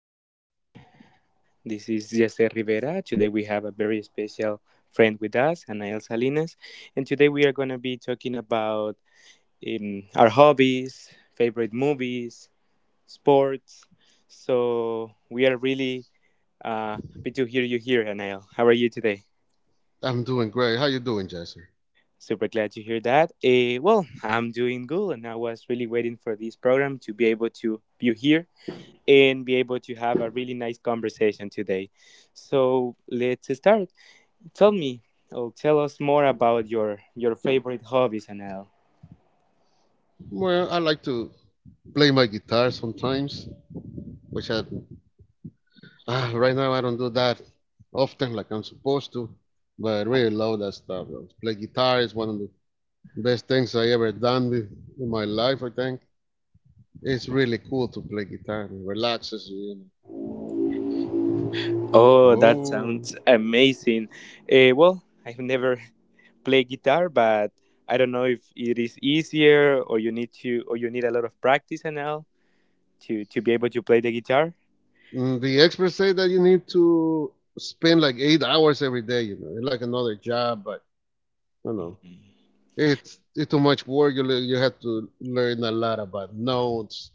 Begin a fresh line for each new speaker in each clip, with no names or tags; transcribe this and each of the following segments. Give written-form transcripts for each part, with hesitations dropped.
Everyone. This is Jesse Rivera. Today we have a very special friend with us, Anael Salinas, and today we are going to be talking about our hobbies, favorite movies, sports. So we are really happy to hear you here, Anael. How are you today?
I'm doing great. How you doing, Jesse?
Super glad to hear that. Well, I'm doing good, and I was really waiting for this program to be able to be here and be able to have a really nice conversation today. So let's start. Tell me, or tell us more about your favorite hobbies, Anel.
Well, I like to play my guitar sometimes, which I right now I don't do that often like I'm supposed to, but I really love that stuff. Play guitar is one of the best things I ever done in my life. I think it's really cool to play guitar. It relaxes you. You know.
Oh, that
Whoa!
sounds amazing. Well, I've never played guitar, but I don't know if it is easier or you need a lot of practice, Anel, to be able to play the guitar.
The experts say that you need to spend like 8 hours every day. You know, it's like another job, but I don't know. It's too much work. You have to learn a lot about notes,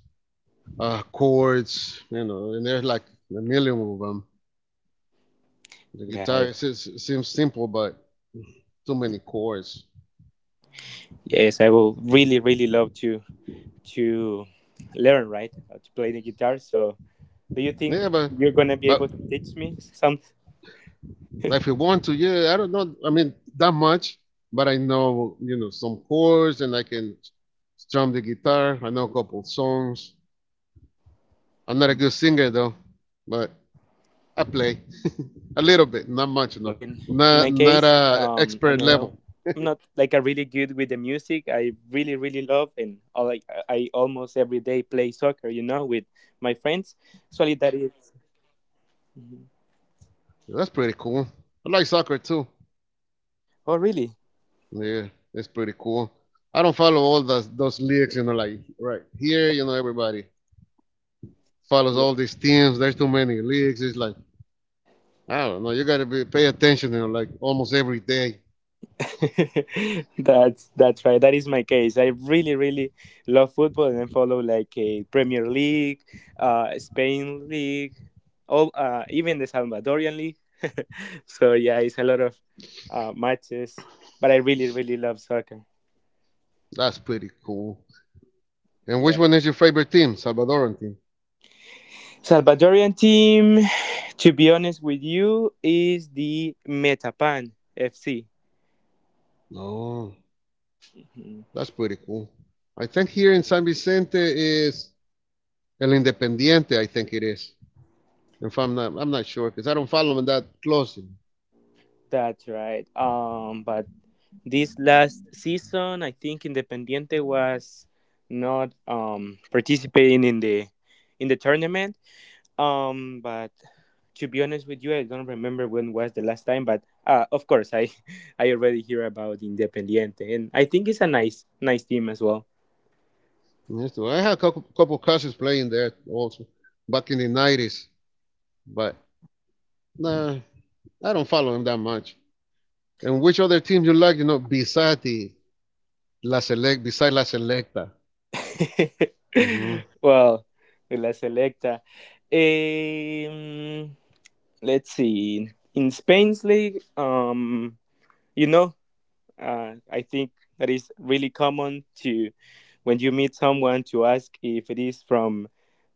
chords, and there's like a million of them. The
Got
guitar
it.
it seems simple, but too many chords.
Yes, I will really really love to learn, right, to play the guitar. So, do you think
Yeah, but
you're gonna be
but
able to teach me some?
if you want to, yeah, I don't know. I mean that much, but I know you know some chords, and I can strum the guitar. I know a couple songs. I'm not a good singer though, but I play
Oh, that's
a
great.
little bit, not
Well,
much, no,
in
not
my
not
case,
a expert
Anel,
level.
I'm not like a really good with the music. I really, really love, and I like I almost every day play soccer. You know, with my friends. Actually, that is.
Yeah, that's pretty cool. I like soccer too.
Oh, really?
Yeah, it's pretty cool. I don't follow all those leagues, like right here, everybody follows all these teams. There's too many leagues. It's like I don't know. You gotta be pay attention, like almost every day.
That's right. That is my case. I really really love football, and I follow like a Premier League, Spain League, all even the Salvadorian League. So yeah, it's a lot of matches. But I really really love soccer.
That's pretty cool. And which
Yeah,
one is your favorite team? Salvadoran team.
Salvadorian team. To be honest with you, is the Metapan FC.
Oh,
Mhm.
that's pretty cool. I think here in San Vicente is El Independiente. I think it is. If I'm not, I'm not sure because I don't follow them that closely.
That's right. But this last season, I think Independiente was not participating in the tournament. But to be honest with you, I don't remember when was the last time. But of course, I I already hear about Independiente, and I think it's a nice nice team as well.
Yes, well, I had a couple cousins playing there also back in the 90s, but nah, I don't follow them that much. And which other team you like? You know, besides the La Select, beside La Selecta. Hmm.
Well, de La Selecta. Um, let's see. In Spain's league, you know, I think that is really common to, when you meet someone, to ask if it is from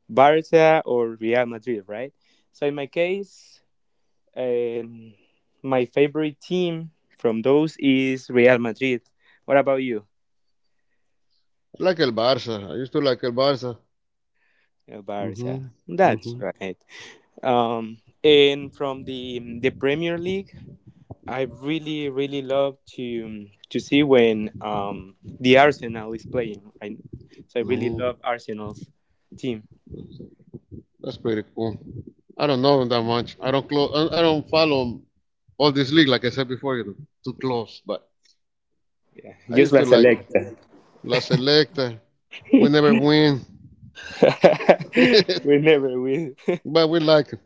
Barca or Real Madrid, right? So in my case, um, my favorite team from those is Real Madrid. What about you,
I like El Barça. I used to like El Barça. Hmm,
Barca? That's
hmm,
right. And from the Premier League. I really, really love to see when the Arsenal is playing. Right? So I really
no,
love Arsenal's team.
that's pretty cool. I don't know them that much. I don't close. I don't follow all this league like I said before. You know, too close. But
Yeah.
I
Just
used
La
to like
Selecta.
La Selecta. We never win.
We never win.
But we like it.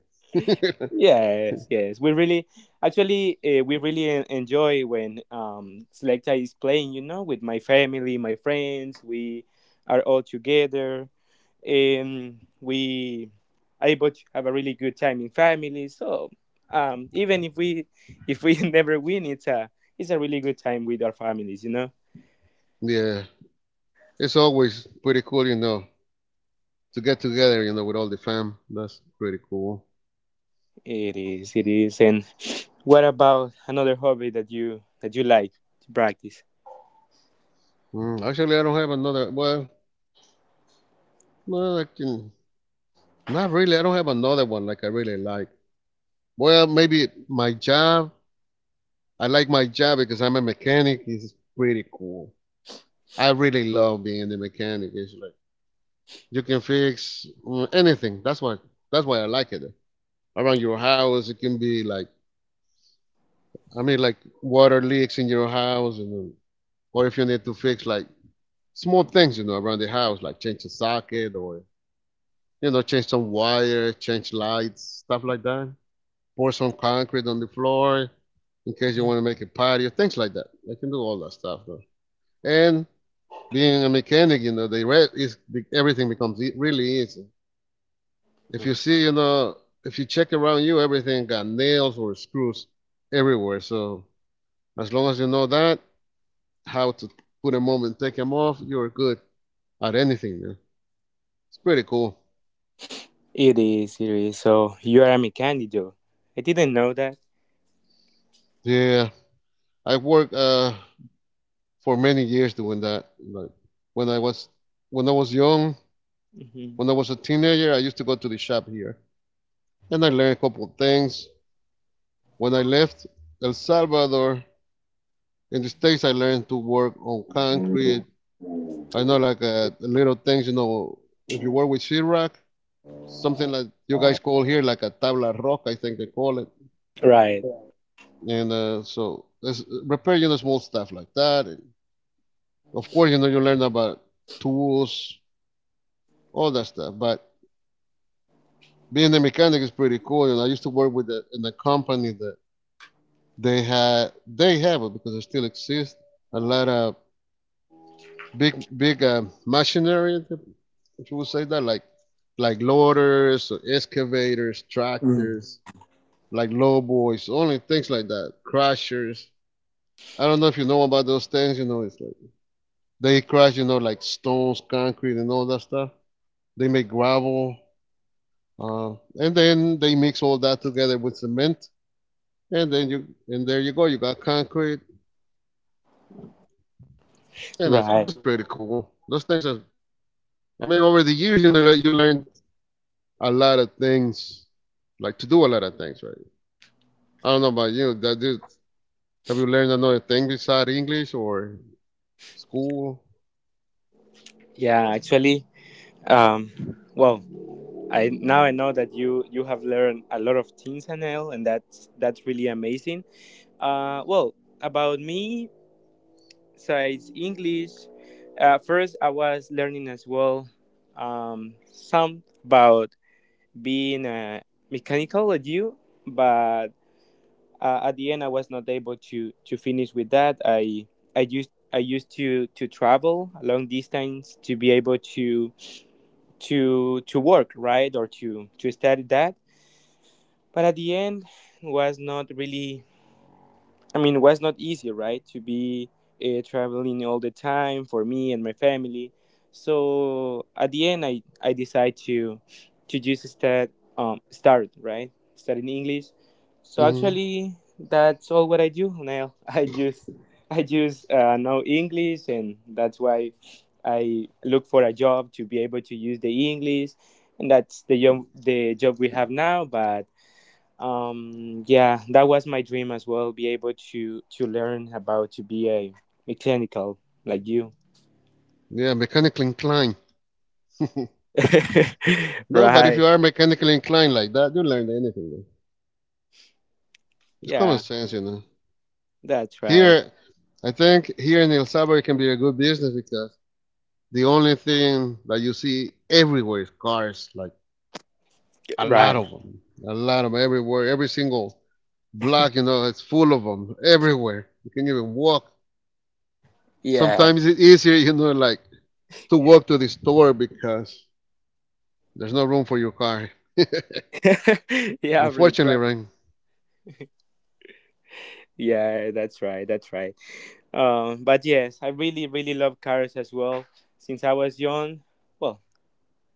Yes, yes. We actually, we really enjoy when Selecta is playing. You know, with my family, my friends. We are all together. We are able to have a really good time in family. So even if we never win, it's a really good time with our families. You know,
Yeah, it's always pretty cool, to get together, with all the fam. That's pretty cool.
it is it is. And what about another hobby that you like to practice?
Actually, I don't have another. Well, I can, not really. I don't have another one like I really like. Well, maybe my job. I like my job because I'm a mechanic. It's pretty cool. I really love being a mechanic. It's like you can fix anything. That's why. That's why I like it. Around your house, it can be like I mean, like water leaks in your house, or if you need to fix like small things, around the house, like change a socket or change some wire, change lights, stuff like that. Pour some concrete on the floor in case you want
Mhm.
to make a patio, things like that. They can do all that stuff. Though. And being a mechanic, is everything becomes really easy. If you see, if you check around you, everything got nails or screws everywhere. So as long as you know that, how to put them on and take them off, you're good at anything. Man. It's pretty cool.
It is it is. So you are a mechanic, though. I didn't know that.
Yeah, I worked for many years doing that. Like when I was when I was young,
Hmm.
when I was a teenager, I used to go to the shop here, and I learned a couple of things. When I left El Salvador, in the states, I learned to work on concrete. I know like little things, if you work with sheetrock, something like you guys call here like a tabla rock, I think they call it.
Right.
And so there's repair small stuff like that, and of course you learn about tools, all that stuff. But being a mechanic is pretty cool, and I used to work in a company that they have it, because it still exists. A lot of big machinery, if you would say that, like loaders, excavators,
Mm.
tractors, like lowboys, only things like that, crushers. I don't know if you know about those things it's like they crush, like stones, concrete, and all that stuff. They make gravel, uh, and then they mix all that together with cement, and then you and there you go. You got concrete, and that's
Right.
that's pretty cool. Those things are. I mean, over the years, like, you learn a lot of things, like to do a lot of things, right? I don't know about you. That dude, have you learned another thing besides English or school?
Yeah, actually, um, well, I now I know that you have learned a lot of things, Anel, and that's really amazing. Well, about me, besides English, first I was learning as well some about being mechanical like you, but at the end I was not able to finish with that. I used to travel a long distance to be able to work, right, or to study that, but at the end was not really, I mean, was not easy, right, to be traveling all the time for me and my family. So at the end, I decide to just start, right, studying English. So
Hmm.
actually, that's all what I do now. I just know English, and that's why I look for a job to be able to use the English, and that's the job we have now. But yeah, that was my dream as well, be able to learn about to be a mechanical like you.
Yeah, mechanically inclined. No, but if
Right.
you are mechanically inclined like that, you learn anything. It's common
Yeah,
sense.
that's right.
Here, I think here in El Salvador it can be a good business because the only thing that you see everywhere is cars, like a lot
Right.
of them, a lot of them everywhere. Every single block, it's full of them everywhere. You can even walk.
Yeah.
Sometimes it's easier, like to walk to the store because there's no room for your car.
Yeah, for the
Unfortunately,
traffic.
right?
Yeah, that's right, that's right. But yes, I really really love cars as well since I was young. Well,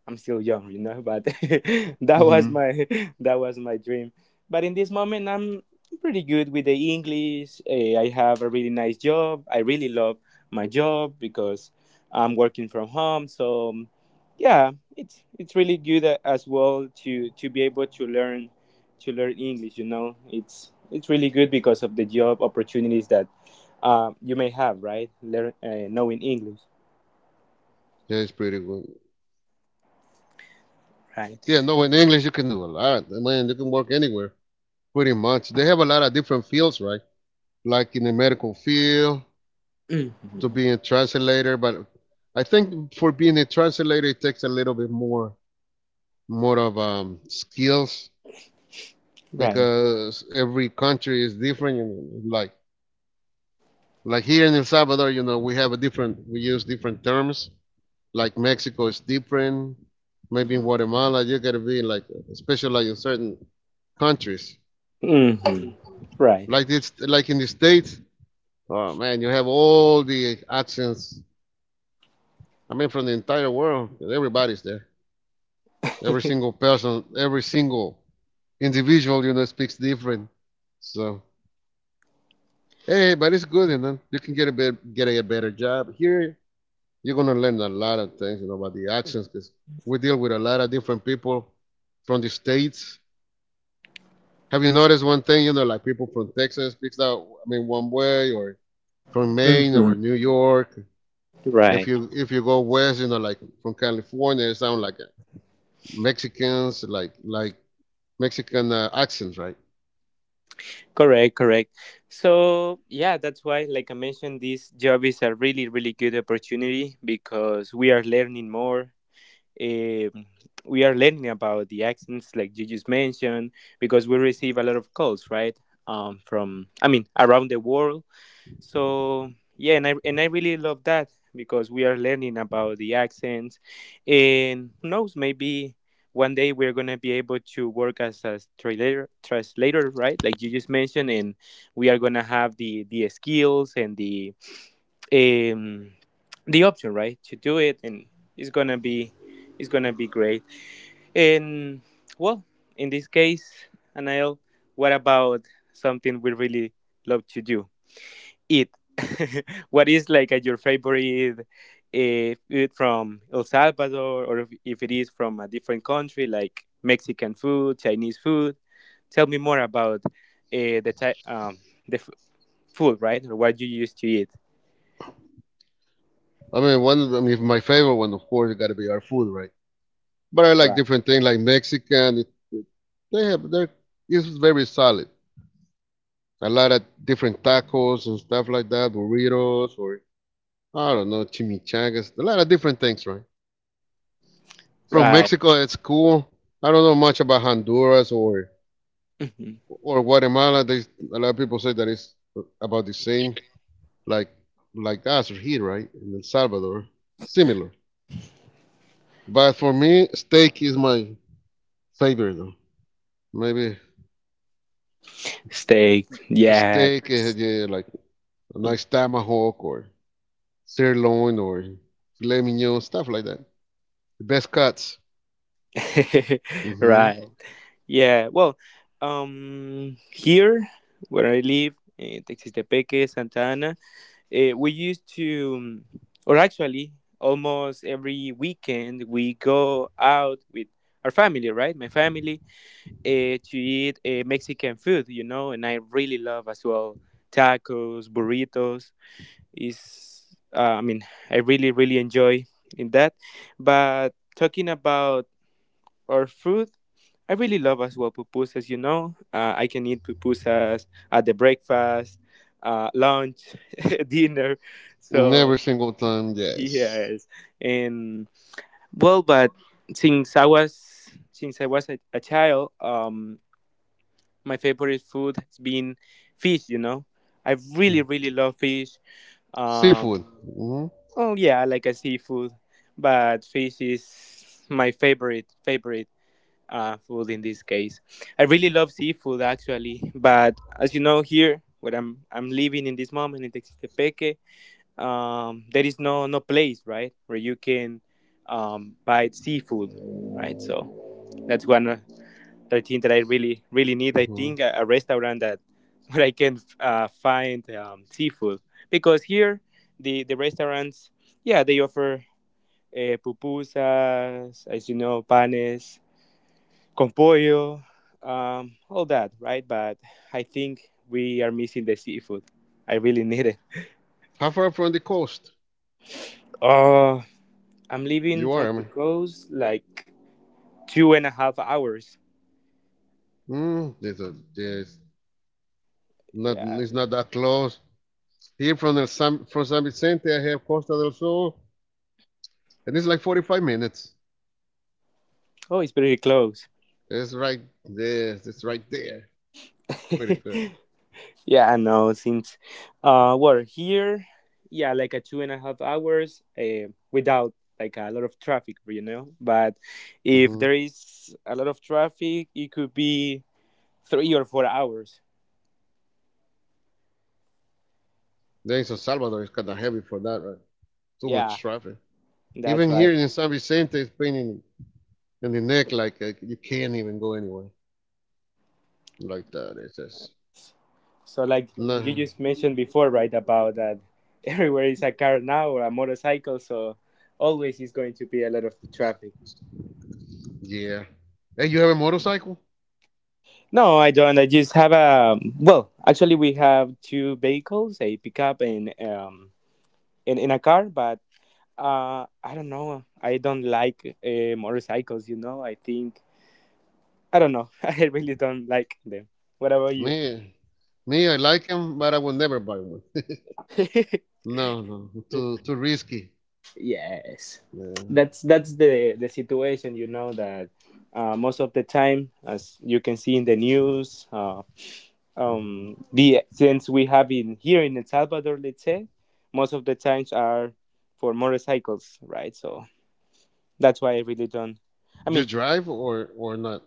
I'm still young, but that was
Mm-hmm.
my that was my dream. But in this moment, I'm pretty good with the English. I have a really nice job. I really love my job because I'm working from home. So yeah, it's really good as well to be able to learn English. You know, it's really good because of the job opportunities that you may have, right? Learn, knowing English,
Yeah, it's pretty good. Yeah,
right?
no, in English you can do a lot. I mean, you can work anywhere. Pretty much. They have a lot of different fields, right? Like in the medical field, to
Mhm.
being a translator, but I think for being a translator it takes a little bit more of skills,
Right.
because every country is different, and like here in El Salvador, we use different terms. Like Mexico is different. Maybe in Guatemala you gotta be like special like in certain countries.
Hmm. Right.
Like it's like in the States. Oh man, you have all the accents. I mean, from the entire world, everybody's there. Every single person, every single individual, speaks different. So hey, but it's good, you know. You can get a better job here. You're gonna learn a lot of things, about the accents, because we deal with a lot of different people from the states. Have you noticed one thing? Like people from Texas speaks out, I mean, one way, or from Maine
Hmm.
or New York. If
Right.
you go west, like from California, it sounds like Mexicans, like Mexican accents, right?
Correct, correct. So, yeah, that's why, like I mentioned, this job is a really, really good opportunity because we are learning more. Um, we are learning about the accents, like you just mentioned, because we receive a lot of calls, right? From, I mean, around the world. So yeah, and I really love that because we are learning about the accents, and who knows, maybe one day we're gonna be able to work as a translator, right? Like you just mentioned, and we are gonna have the skills and um the option, right, to do it, and it's gonna be it's gonna be great. And, well, in this case, Anael, what about something we really love to do? Eat? What is like, your favorite food from El Salvador, or if it is from a different country, like Mexican food, Chinese food? Tell me more about, the type, the food, right? Or what you used to eat.
I mean, one. I mean, my favorite one, of course, it got to be our food, right? But I like
Right.
different things, like Mexican. They have they're it's very solid. A lot of different tacos and stuff like that, burritos, or I don't know, chimichangas. A lot of different things, right? From
Right.
Mexico, it's cool. I don't know much about Honduras or
Mhm.
or Guatemala. A lot of people say that it's about the same, like like us here, right? In El Salvador, similar. But for me, steak is my favorite. Though. Maybe
Steak.
a
Yeah.
steak, yeah, like a
Mm.
nice tomahawk or sirloin or filet mignon, stuff like that. The best cuts. Hmm.
Right. Yeah. Well, here where I live, in Texas Tepeque, Santa Ana, we used to, or actually, almost every weekend, we go out with our family, right? My family, to eat Mexican food, and I really love as well tacos, burritos. Is I mean, I really, really enjoy in that. But talking about or food, I really love as well pupusas. You know, I can eat pupusas at the breakfast, lunch, dinner. So
Every single time, yes.
yes, and well, but since I was a child, my favorite food has been fish. You know, I really
Mm.
really love fish. Um,
Seafood. Hmm,
oh yeah, I like a seafood, but fish is my favorite favorite food in this case. I really love seafood actually, but as you know, here where I'm living in this moment in Texistepeque, there is no place, right, where you can buy seafood, right? So that's one the thing that I really really need. I
hmm.
think a restaurant that where I can find seafood, because here the restaurants, yeah, they offer pupusas, as you know, panes con pollo, all that, right? But I think we are missing the seafood. I really need it.
How far from the coast
Oh, I'm leaving
you
from
are? I
the
mean,
coast like 2.5 hours.
there's a, there's not,
Yeah.
it's not that close. Here from from San Vicente, I have Costa del Sol, and it's like 45 minutes.
Oh, it's pretty close.
It's right there. It's right there. Pretty good.
Yeah, I know. Since, we're here, yeah, like a 2.5 hours without like a lot of traffic. But if
Hmm.
there is a lot of traffic, it could be 3 or 4 hours.
Then in San Salvador, it's kind of heavy for that, right? Too
Yeah,
much traffic.
that's
Even
right.
here in San Vicente, it's pain in the neck. Like you can't even go anywhere like that. It's just
So, like you
no.
just mentioned before, right, about that, everywhere is a car now or a motorcycle, so always is going to be a lot of traffic.
Yeah. Hey, you have a motorcycle?
No, I don't. I just have a. Well, actually, we have two vehicles, a pickup and in a car, but I don't know. I don't like motorcycles. You know, I think I don't know. I really don't like them. What about you?
Me, me, I like him, but I will never buy one. No, no, too risky.
Yes,
Yeah.
that's the situation. You know that, most of the time, as you can see in the news,
Mhm.
the accidents we have in here in El Salvador, let's say, most of the times are for motorcycles, right? So that's why I really don't. I
Do you
mean,
drive or not?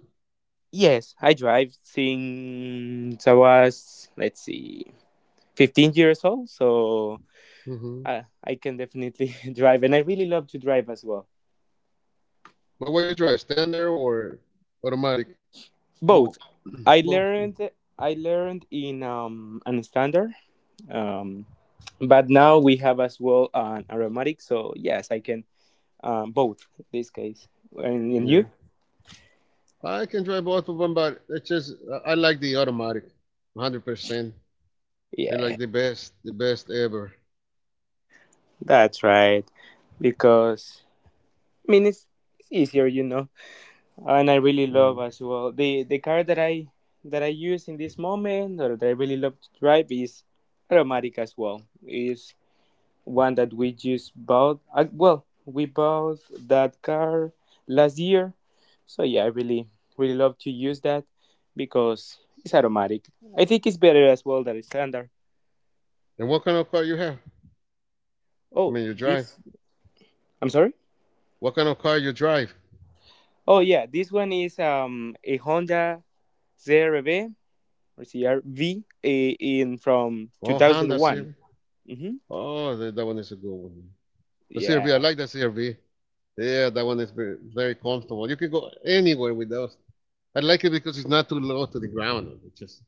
yes, I drive since I was, let's see, 15 years old, so
Hmm.
I can definitely drive, and I really love to drive as well.
But what you drive, standard or automatic? Both.
Both. I
Both.
learned I learned in an standard, um but now we have as well an aromatic, so yes, I can, both this case. And
Yeah,
you?
I can drive both of them, but it's just I like the automatic, 100% They're
Yeah,
like the best ever.
that's right. Because I mean it's easier. And I really love
Mhm.
as well the car that I use in this moment, or that I really love to drive, is aromatic as well. It's one that we just bought. Well, we bought that car last year, so yeah, I really love to use that because it's automatic. I think it's better as well than it's standard.
And what kind of car you have? I
Oh,
mean, you drive.
this I'm sorry.
What kind of car you drive?
Oh yeah, this one is a Honda CRV or CRV in from
Oh, Honda
2001.
CRV.
Mm-hmm.
Oh, that one is a good one. The CRV, I
Yeah.
like the CRV. Yeah, that one is very, very comfortable. You can go anywhere with those. I like it because it's not too low to the ground. It's just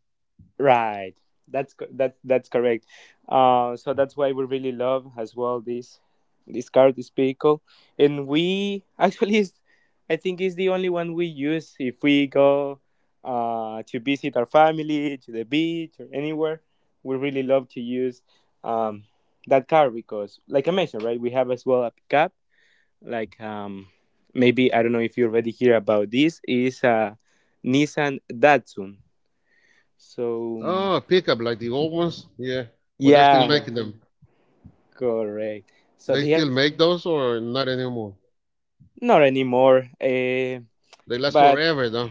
Right. That's that's correct. So that's why we really love as well this car, this vehicle, and we actually, is, I think, is the only one we use if we go to visit our family to the beach or anywhere. We really love to use um, that car because, like I mentioned, right, we have as well a pickup. Like maybe I don't know if you already hear about this is a Nissan Datsun. So.
oh pickup like the old ones. Yeah, well they're still
Yeah,
making them.
correct. So
They
they are
still make those or not anymore?
not anymore. Uh,
They last
but
forever though.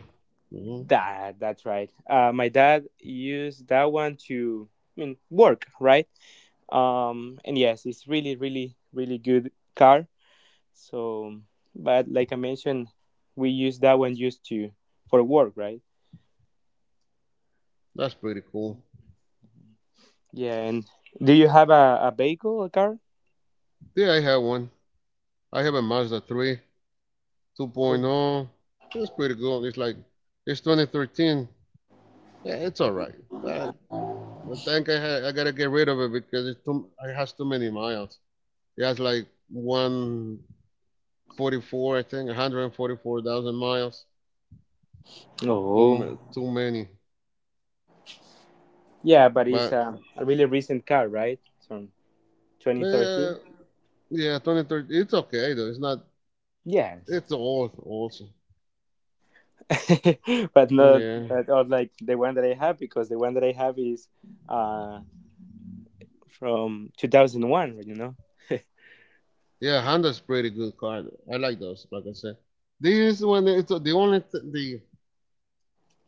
Hmm.
that's right. My dad used that one to, I mean, work, right? And yes, it's really, really, really good car. So, but like I mentioned, we use that one used to for work, right?
That's pretty cool.
Yeah. And do you have a vehicle, a car?
Yeah, I have one. I have a Mazda 3
Oh.
2.0. That's pretty good. It's like it's 2013. Yeah, it's all right. But I think I gotta get rid of it because it has too many miles. It has like 144, I think, 144,000 miles. Too
Oh.
ma- too many, but uh, yeah, 2013. It's okay though. It's not. It's old also. Yeah,
uh, from 2001, you know?
yeah. Honda's pretty good car. I like those. Like I said, this one. It's the only th- the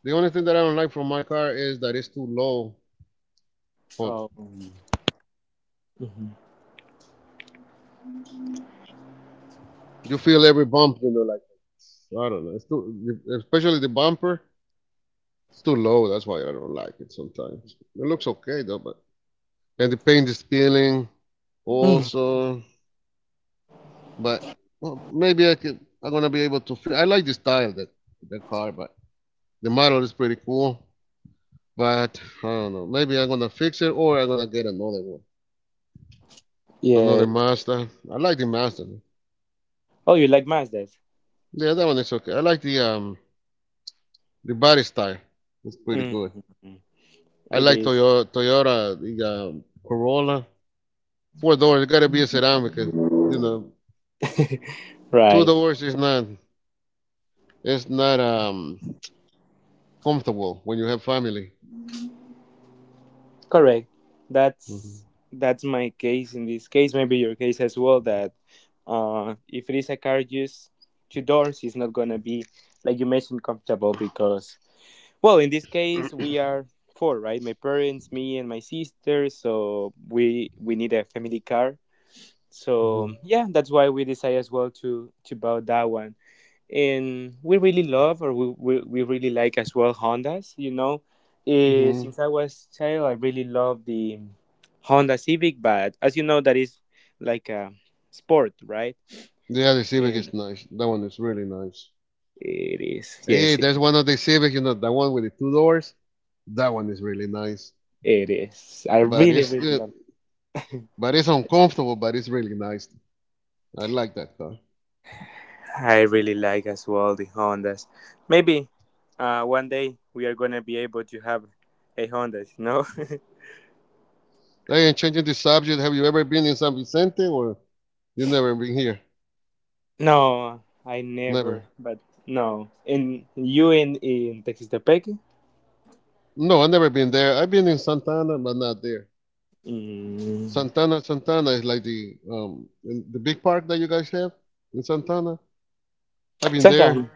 the only thing that I don't like from my car is that it's too low. But
Oh. Mhm.
you feel every bump. You know, like I don't know. Especially the bumper. It's too low. That's why I don't like it sometimes. It looks okay though, but and the paint is peeling
Mm,
also. But well, maybe I could. I'm gonna be able to fit. I like the style that the car, but the model is pretty cool. But I don't know. Maybe I'm gonna fix it, or I'm gonna get another one,
yeah.
another Mazda. I like the Mazda.
Oh, you like Mazdas?
The other one is okay. I like the body style. It's pretty
Mhm.
good. I
It
like
is.
Toyota the Corolla. Four doors. It gotta be a sedan because you know two
Right.
doors is not it's not comfortable when you have family.
Correct. That's
Mhm.
that's my case in this case, maybe your case as well, that if it is a car just two doors, it's not going to be, like you mentioned, comfortable because. Well, in this case, we
Mhm.
are four, right? My parents, me, and my sister. So we need a family car. So yeah, that's why we decided as well to buy that one. And we really love, or we really like as well Hondas.
Hmm.
Since I was child, I really love the Honda Civic. But as you know, that is like a sport, right?
Yeah, the Civic
And
is nice. That one is really nice.
it is,
Hey,
yes,
hey,
it,
there's one of the Civic, that one with the two doors. That one is really nice.
it is. I
But
really
it's
really
uh,
love.
but it's uncomfortable, but it's really nice. I like that car.
I really like as well the Hondas. Maybe one day we are gonna be able to have a Honda. You know?
Hey, and changing the subject, have you ever been in San Vicente or you never been here?
No, I never.
Never.
But no, in you in Texas.
No, I've never been there. I've been in Santana, but not there.
Mm.
Santana is like the big park that you guys have in Santana. I've been there.
Sometime.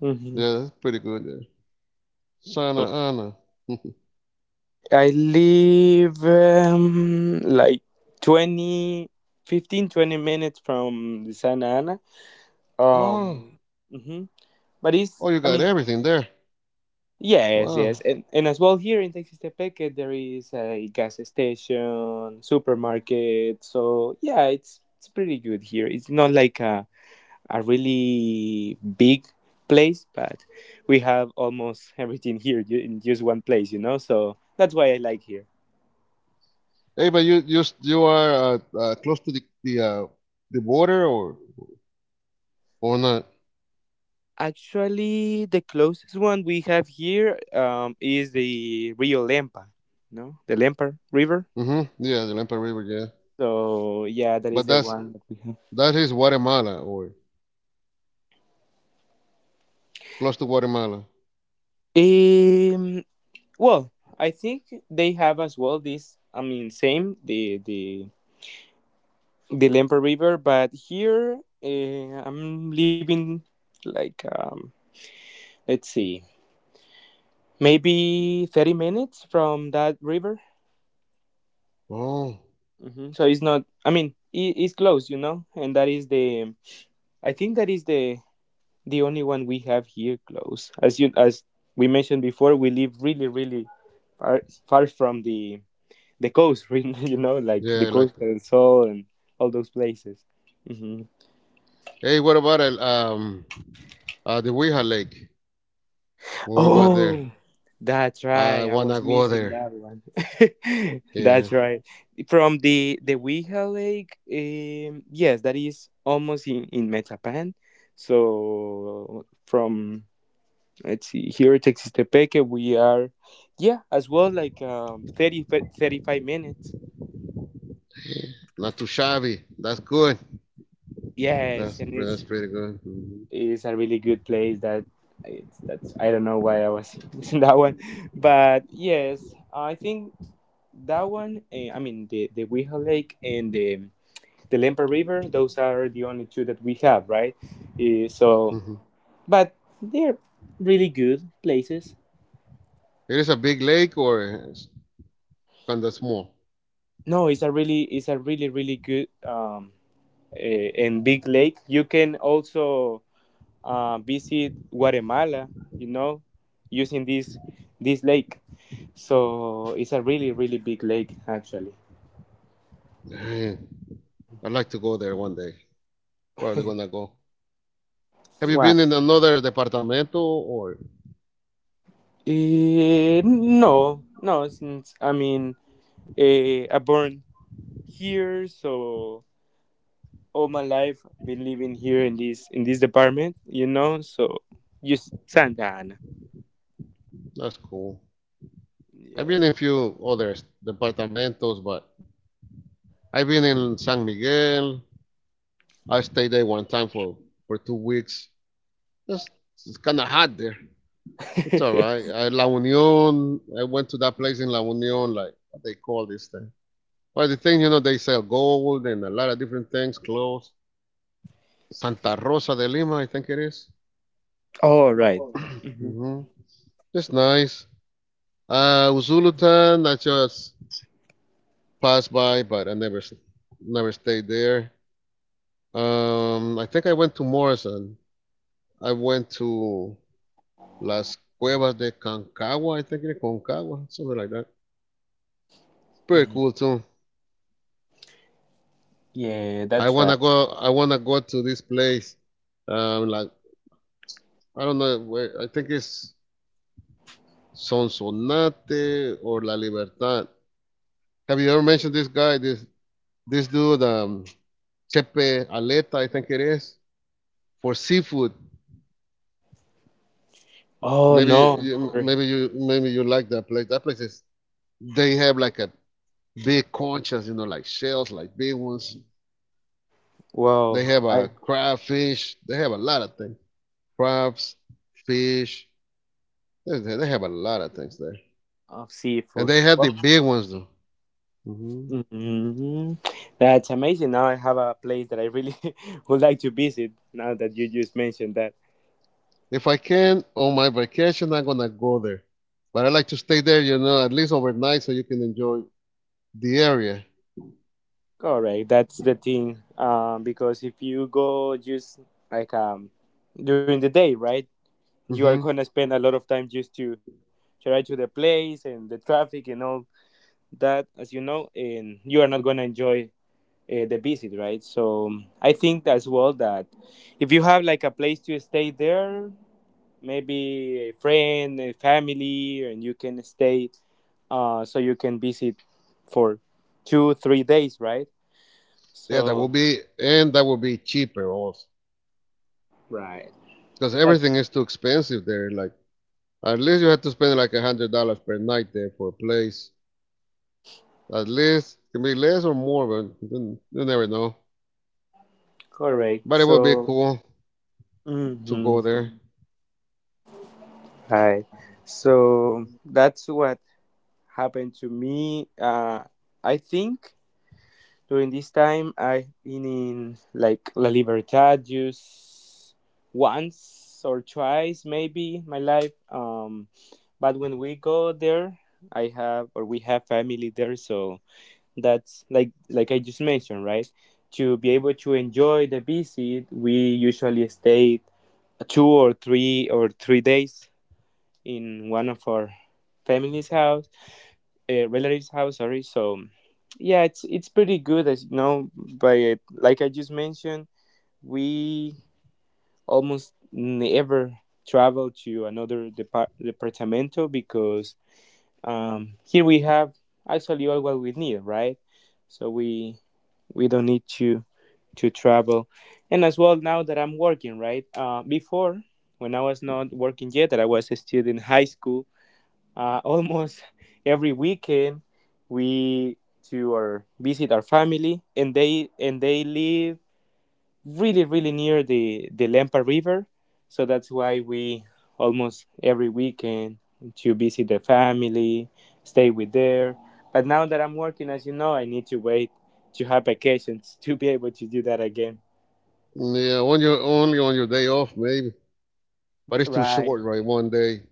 hmm
Yeah, that's pretty good. Yeah. Santa Ana.
I live like 20, 15, 20 minutes from the Santa Ana.
Oh,
Um, mhm. But it's,
oh, you
I
got
mean,
everything there.
yes,
Wow.
yes, and as well here in Texistepeque there is a gas station, supermarket. So yeah, it's pretty good here. It's not like a really big place, but we have almost everything here in just one place. So that's why I like here.
Hey, but you are close to the border or not?
Actually, the closest one we have here is the Rio Lempa, no, the Lempa River.
Mm-hmm. Yeah, the Lempa River. Yeah,
So yeah, that
but
is the
that's
one that we have.
that is Guatemala or close to Guatemala.
Um, Well, I think they have as well this. I mean, same the Lempa River, but here I'm living like let's see, maybe 30 minutes from that river.
Oh,
So it's not. I mean, it's close, And that is the. I think that is the only one we have here close. As we mentioned before, we live really far far from the coast, like the
yeah. Like,
Costa del Sol and all those places. hmm
hey, what about the Weha Lake? What about there?
Oh, that's
I
right. I
wanna
was
go
missing
there.
that one.
Yeah,
That's right. From the Weha Lake, yes, that is almost in Metapan. So from let's see here, at Tepeque, we are yeah as well like 30, 35 minutes.
not too shabby. That's good.
Yes,
That's
and it's
that's pretty good. Mhm.
is a really good place that it's that's I don't know why I was using that one, but yes, I think that one. I mean the Weeha Lake and the Lempa River. Those are the only two that we have, right? So,
Hmm.
but they're really good places.
It is a big lake or kind of small?
No, it's a really good and big lake. You can also visit Guatemala, using this lake. So it's a really big lake actually.
Dang, I'd like to go there one day. Probably gonna go. Have you
Why?
been in another departamento or
No, no. Since I mean, I born here, so all my life been living here in this department. So just Santa Ana.
that's cool. I've been
Yes.
in few other departamentos, but I've been in San Miguel. I stayed there one time for 2 weeks. It's, it's kind of hot there. It's all right. La Union, I went to that place in La Union, like what they call this thing. But the thing, they sell gold and a lot of different things, clothes. Santa Rosa de Lima, I think it is.
All right. Mhm.
Mhm. It's nice. Uzulutan, I just passed by, but I never stayed there. I think I went to Morrison. I went to Las Cuevas de Concagua, I think it is Concagua, something like that. It's pretty cool too.
Yeah,
I
that's right.
wanna go. I wanna go to this place. Like I don't know. Where, I think it's Sonsonate or La Libertad. Have you ever mentioned this guy, this dude, Chepe Aleta, I think it is, for seafood.
Oh
Maybe
no,
you,
never.
maybe you maybe you like that place. That place is they have like a big conchas, like shells, like big ones. They
Wow,
have a
I
crabfish. They have a lot of things. Crabs, fish. They have a lot of things there,
of
and
seafood.
they have the big ones though. Hmm.
hmm That's amazing. Now I have a place that I really would like to visit. Now that you just mentioned that,
If I can on my vacation, I'm gonna go there, but I like to stay there, at least overnight, so you can enjoy the area.
correct? That's the thing. Because if you go just like during the day, right? You
Hmm.
are gonna spend a lot of time just to try to the place and the traffic and all as you know, and you are not gonna enjoy the visit, right? So I think as well that if you have like a place to stay there, maybe a friend, a family, and you can stay. So you can visit for two, 3 days, right?
Yeah, that will
So,
be, and that will be cheaper also,
right.
because
That's
everything is too expensive there. Like at least you have to spend like $100 per night there for a place. At least it can be less or more, but you never know.
correct.
But it will be
So
cool to
hmm
go there.
right. So that's what happened to me. I think. During this time, I've been in like La Libertad just once or twice, maybe in my life. But when we go there, I have or we have family there, so that's like I just mentioned, right? To be able to enjoy the visit, we usually stay 2 or 3 or 3 days in one of our family's house relatives' house. Sorry. So, yeah, it's pretty good, as you know. But like I just mentioned, we almost never travel to another departamento because here we have actually all what we need, right? So we don't need to travel, and as well now that I'm working, right? Before when I was not working yet, that I was a student in high school, almost every weekend we to our visit our family, and they live really near the Lempa River, so that's why we almost every weekend to visit the family stay with there, but now that I'm working, as you know, I need to wait to have vacations to be able to do that again,
Yeah, on your day off maybe, but it's too
right.
short, right? One day.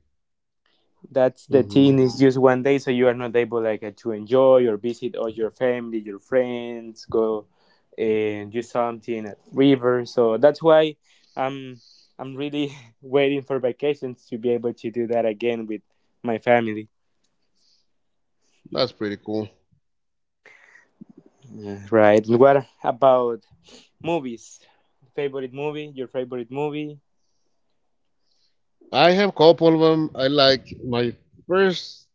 That's the thing. Is
Hmm.
just one day, so you are not able like to enjoy or visit all your family, your friends, go and do something at river. So that's why I'm I'm really waiting for vacations to be able to do that again with my family.
That's pretty cool.
Yeah, right. And what about movies? Favorite movie? Your favorite movie?
I have a couple of them. I like first,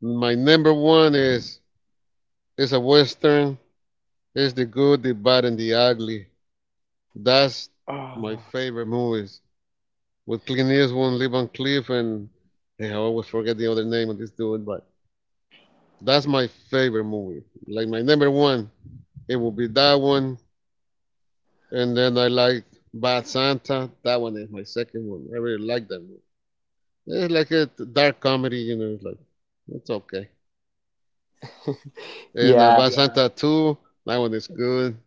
my number one is a western. It's the good, the bad, and the ugly. That's my
Oh,
favorite movies with Clint Eastwood, Levan Cliff, and hey, I always forget the other name of this dude, but that's my favorite movie. Like my number one, it will be that one, and then I like Bad Santa. That one is my second one. I really like that movie. It's like a dark comedy. It's like it's okay. And
yeah.
Bad, yeah. Santa Two, that one is good.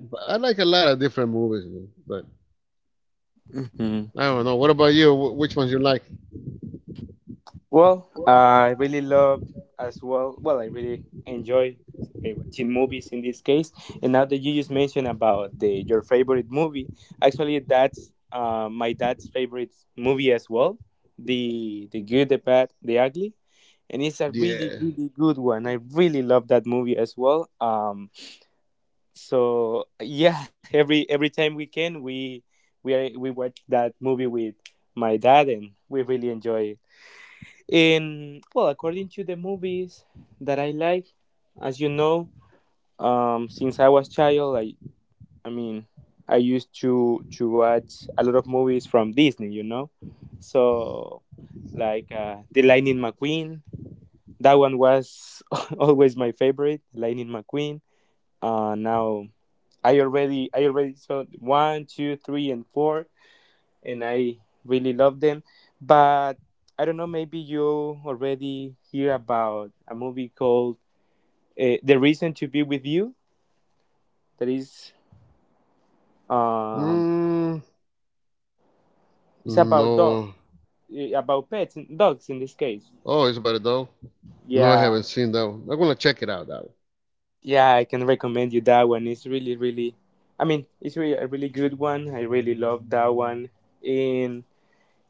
But I like a lot of different movies, man, but
Mhm.
I don't know. What about you? Which ones you like?
Well, I really love as well. Well, I really enjoy watching movies in this case. And now that you just mentioned about the your favorite movie, actually that's my dad's favorite movie as well. The Good, the Bad, the Ugly, and it's a really
Yeah.
really good one. I really love that movie as well. So yeah, every time we can, we watch that movie with my dad, and we really enjoy it. And well, according to the movies that I like, as you know, since I was child, I mean, I used to watch a lot of movies from Disney, so like the Lightning McQueen. That one was always my favorite, Lightning McQueen. Now I already saw one, two, three, and four, and I really love them. But I don't know, maybe you already hear about a movie called "The Reason to Be with You." That is, um,
Mm,
it's about dogs,
no.
about pets, dogs in this case.
Oh, it's about it though. No, I haven't
Yeah,
seen that one. I'm gonna check it out. That
yeah, I can recommend you that one. It's really, really, I mean, it's really a really good one. I really love that one. And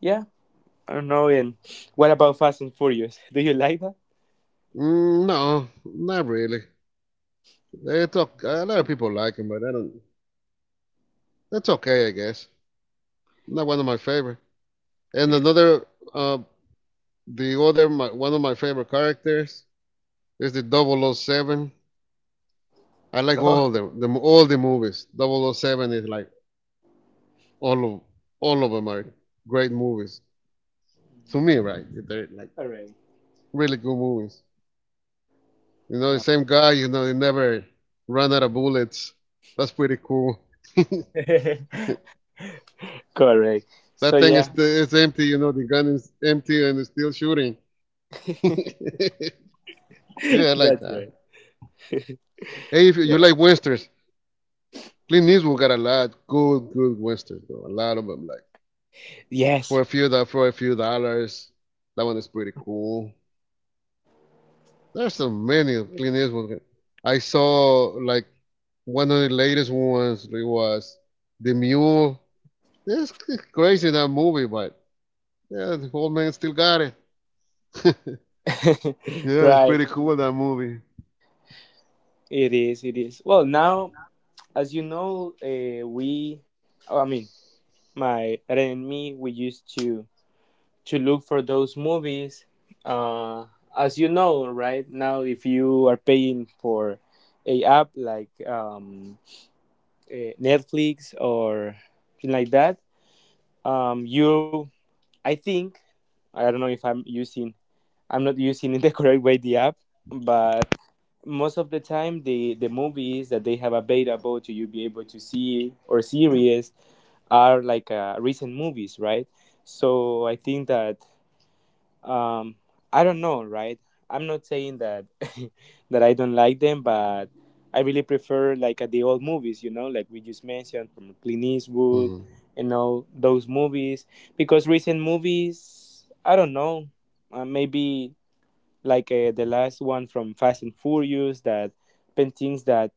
yeah, I don't know. And what about Fast and Furious? Do you like that?
one. Mm, no, not really. They talk. A lot of people like him, but I don't. That's okay, I guess. Not one of my favorite. And
It's
another, uh, the other, my, one of my favorite characters is the double oh 007. I like all
oh,
the, the all the movies. Double oh 007 is like all of all of them are great movies to me, right? They're like
all right.
really good movies. You know, the same guy, he never run out of bullets. That's pretty cool.
Right. Correct. So
That thing is
yeah,
it's empty, the gun is empty and it's still shooting. Yeah, I like
that's
that.
right.
Hey, if you
Yeah.
like westerns, Clint Eastwood got a lot good, good westerns, though. A lot of them, like for
Yes.
a few do- for a few dollars. That one is pretty cool. There's so many of Clint Eastwood. I saw like one of the latest ones. It was The Mule. It's crazy that movie, but yeah, the old man still got it. Yeah, it's
Right.
pretty cool that movie.
It is. It is. Well, now as you know, we. I mean, my Ren and me. We used to look for those movies. Uh, as you know, right now, if you are paying for a app like Netflix or something like that, you. I think I don't know if I'm not using in the correct way the app, but most of the time the movies that they have available to you be able to see or series are like recent movies, right? So I think that um, I don't know, right? I'm not saying that that I don't like them, but I really prefer like the old movies, you know, like we just mentioned from Clint Eastwood
Mhm.
and all those movies because recent movies, I don't know, maybe like the last one from Fast and Furious that paintings that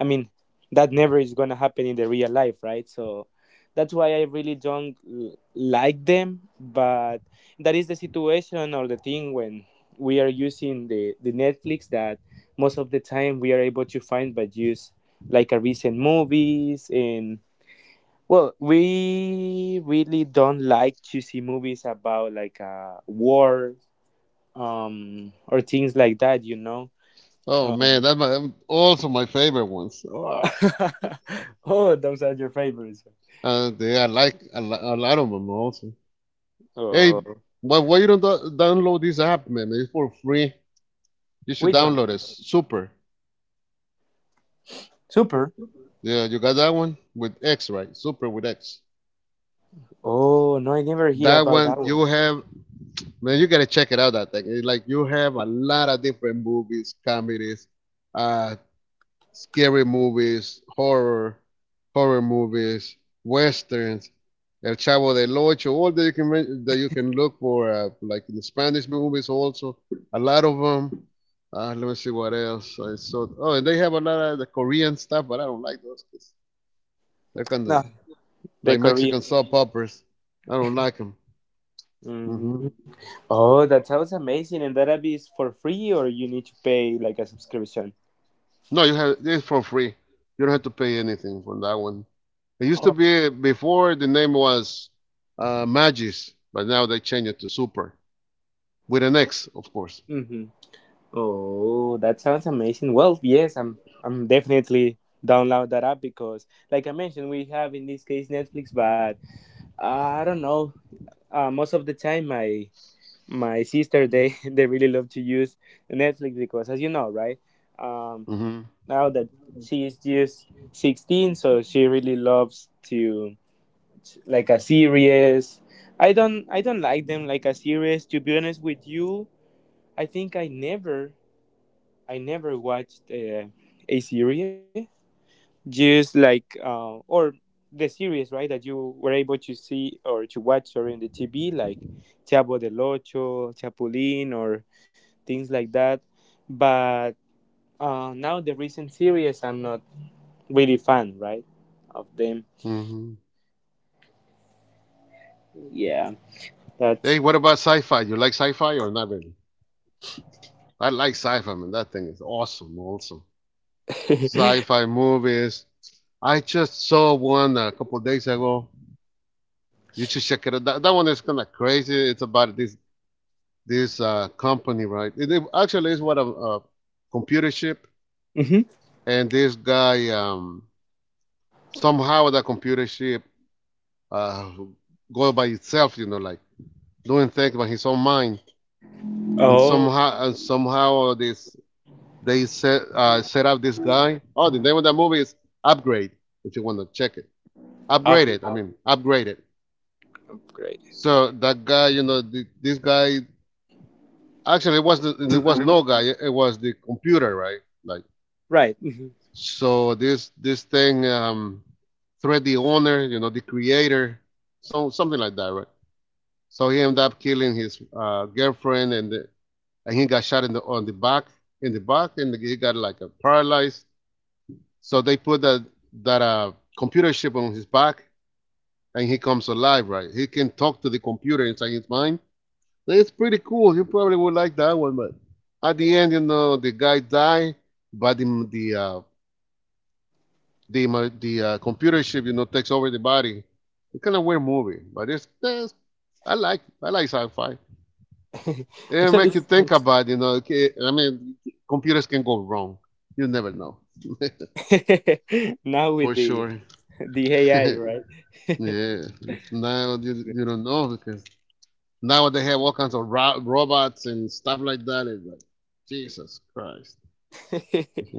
I mean that never is gonna happen in the real life, right? So that's why I really don't like them. But that is the situation or the thing when we are using the Netflix that most of the time we are able to find, but use like a recent movies and well, we really don't like to see movies about like a war or things like that.
Oh man,
Um,
that's my also my favorite ones. Oh,
oh, those are your favorites.
I like a lot of them also. Hey,
Oh,
but why you don't download this app, man? It's for free. You should
which one?
download it. Super.
Super.
Yeah, you got that one with X, right? Super with X.
Oh, no, I never hear
That
about
one
that
you
one.
have, man.
Mhm.
You gotta check it out. That thing. It's like you have a lot of different movies, comedies, uh, scary movies, horror movies, westerns, El Chavo del Ocho, all that you can look for, like in the Spanish movies also, a lot of them. Let me see what else I saw. Oh, and they have a lot of the Korean stuff, but I don't like those. They're kind
No,
of
the
like
Korean.
Mexican soap operas. I don't like them. Hmm.
Hmm. Oh, that sounds amazing, and that app is for free, or you need to pay like a subscription.
No, you have it's for free. You don't have to pay anything for that one. It used to
Oh.
be before the name was Magis, but now they changed it to Super with an X, of course.
Hmm. Oh, that sounds amazing. Well, yes, I'm definitely download that app because, like I mentioned, we have in this case Netflix, but I don't know. Most of the time my sister they they really love to use Netflix because as you know, right, um
Hmm.
now that she is just 16, so she really loves to like a series. I don't like them like a series to be honest with you. I think I never watched a series just like or the right that you were able to see or to watch or in the TV like Chavo del Ocho, Chapulín, or things like that. But now the recent series, I'm not really fan, right, of them.
Hmm.
Yeah,
Hey,
that's.
what about sci-fi? You like sci-fi or not really? I like sci-fi, man. That thing is awesome. Also, sci-fi movies. I just saw one a couple of days ago. You should check it out. That one is kind of crazy. It's about this company, right? It actually is what a computer chip,
Mhm.
and this guy somehow the computer chip uh, go by itself, like doing things by his own mind, and
Oh,
somehow this they set up this guy. Oh, the name of that movie is Upgrade. If you want to check it, Upgrade it.
upgraded.
I mean, Upgrade it. So that guy, this guy actually it was no guy. It was the computer, right? Like,
Right.
so this thing threat the owner, the creator, so something like that, right? So he ended up killing his girlfriend, and and he got shot in the on the back, in the back, and he got like a paralyzed. So they put that computer chip on his back, and he comes alive, right? He can talk to the computer inside his mind. It's pretty cool. You probably would like that one, but at the end, the guy died, but the the computer chip, takes over the body. It's kind of weird movie, but it's I like sci-fi. It
Actually,
make you think about. Okay, I mean, computers can go wrong. You never know
now with
for
the
sure.
the AI, right?
Yeah, now you don't know because now they have all kinds of robots and stuff like that. It's like Jesus Christ.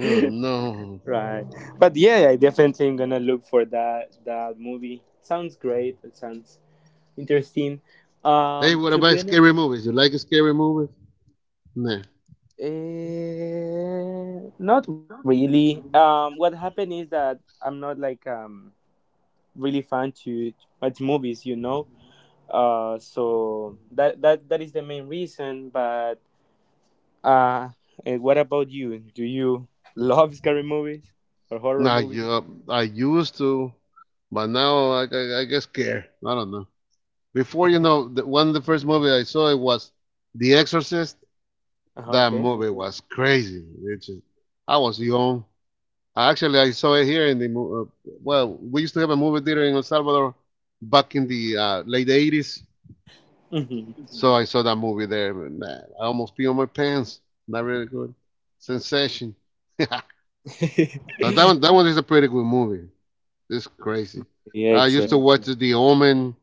Oh no.
Right. But yeah, I definitely am gonna look for that movie. Sounds great. It sounds interesting.
Hey, what
To
about
be honest,
scary movies? You like scary movies? Nah.
not really. What happened is that I'm not like really fan to at movies. So that is the main reason. But uh, what about you? Do you love scary movies or horror
Nah,
movies?
I used to, but now I get scared. I don't know. Before, one of the first movie I saw it was The Exorcist. That
Okay.
movie was crazy. It just, I was young. I Actually, I saw it here in we used to have a movie theater in El Salvador back in the late '80s.
Mm-hmm.
So I saw that movie there. But, man, I almost pee on my pants. Not really good. Sensation. that, that one is a pretty good movie. This crazy.
Yeah,
I
extra.
used to watch The Omen.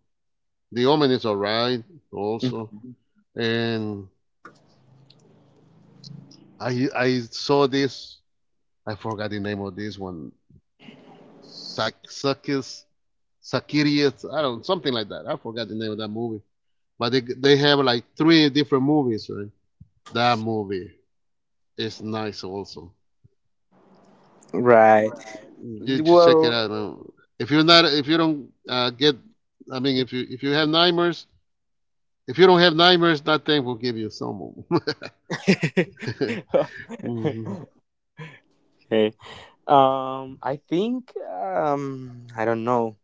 The Omen is alright also, and I saw this. I forgot the name of this one. Sakis, Sakirius. I don't something like that. I forgot the name of that movie. But they have like three different movies, right? That movie is nice also.
Right.
Right. You should check it
Well,
out. If you're not if you don't get, I mean, if you have nightmares, if you don't have nightmares, that thing will give you someone. Hmm.
okay. I think I don't know,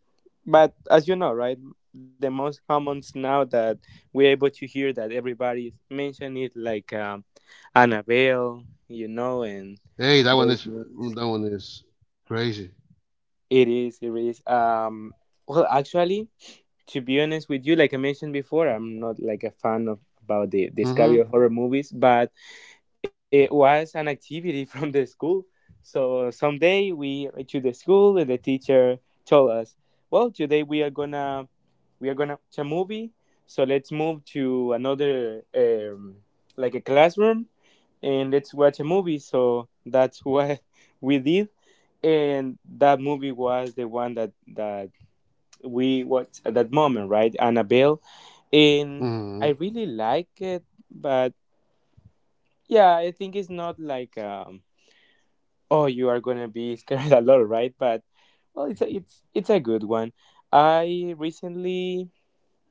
but as you know, right, the most commons now that we're able to hear that everybody's mentioned it, like Annabelle, and
Hey, that one
those.
is that one is crazy.
It is. It is. Well, actually, to be honest with you, like I mentioned before, I'm not like a fan of about the
Hmm.
scary horror movies, but it was an activity from the school. So someday we went to the school and the teacher told us, "Well, today we are gonna watch a movie. So let's move to another like a classroom and let's watch a movie." So that's what we did, and that movie was the one that we watched at that moment, right? Annabelle, and
Hmm.
I really like it, but yeah, I think it's not like oh, you are gonna be scared a lot, right? But well, it's a good one. I recently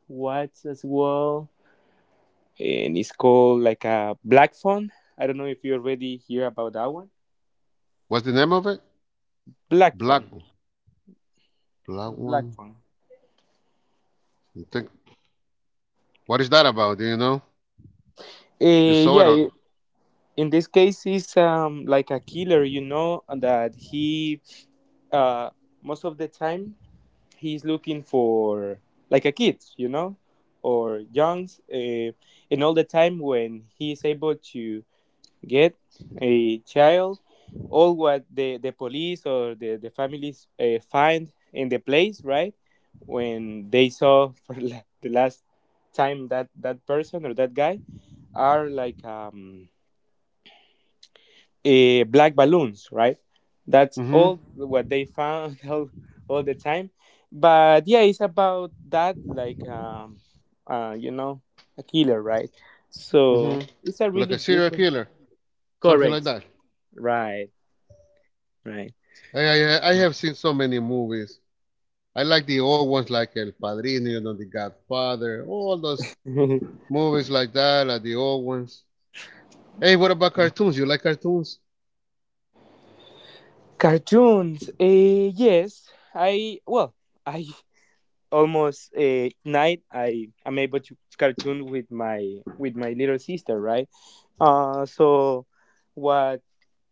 watched as well and it's called like a Black Phone. I don't know if you already hear about that one.
What's the name of it?
Black
Black
Phone.
Black
Black
one.
Phone.
You think what is that about? Do you know? You saw
Yeah,
it or?
in this case it's like a killer, and that he uh most of the time he's looking for like a kids, or youngs, and all the time when he's able to get a child, all what the police or the families find in the place, right? When they saw for the last time that person or that guy are like black balloons, right? That's
Hmm.
all what they found all the time. But yeah, it's about that, like, uh, you know, a killer, right?
Hmm.
So it's a
Like
really
a
good
serial
one.
killer, something like
Correct.
that.
Right, right.
I have seen so many movies. I like the old ones like El Padrino, you know, The Godfather, all those movies like that, like the old ones. Hey, what about cartoons? You like cartoons?
Cartoons. Yes, well, I almost a night I am able to cartoon with my little sister, right. So what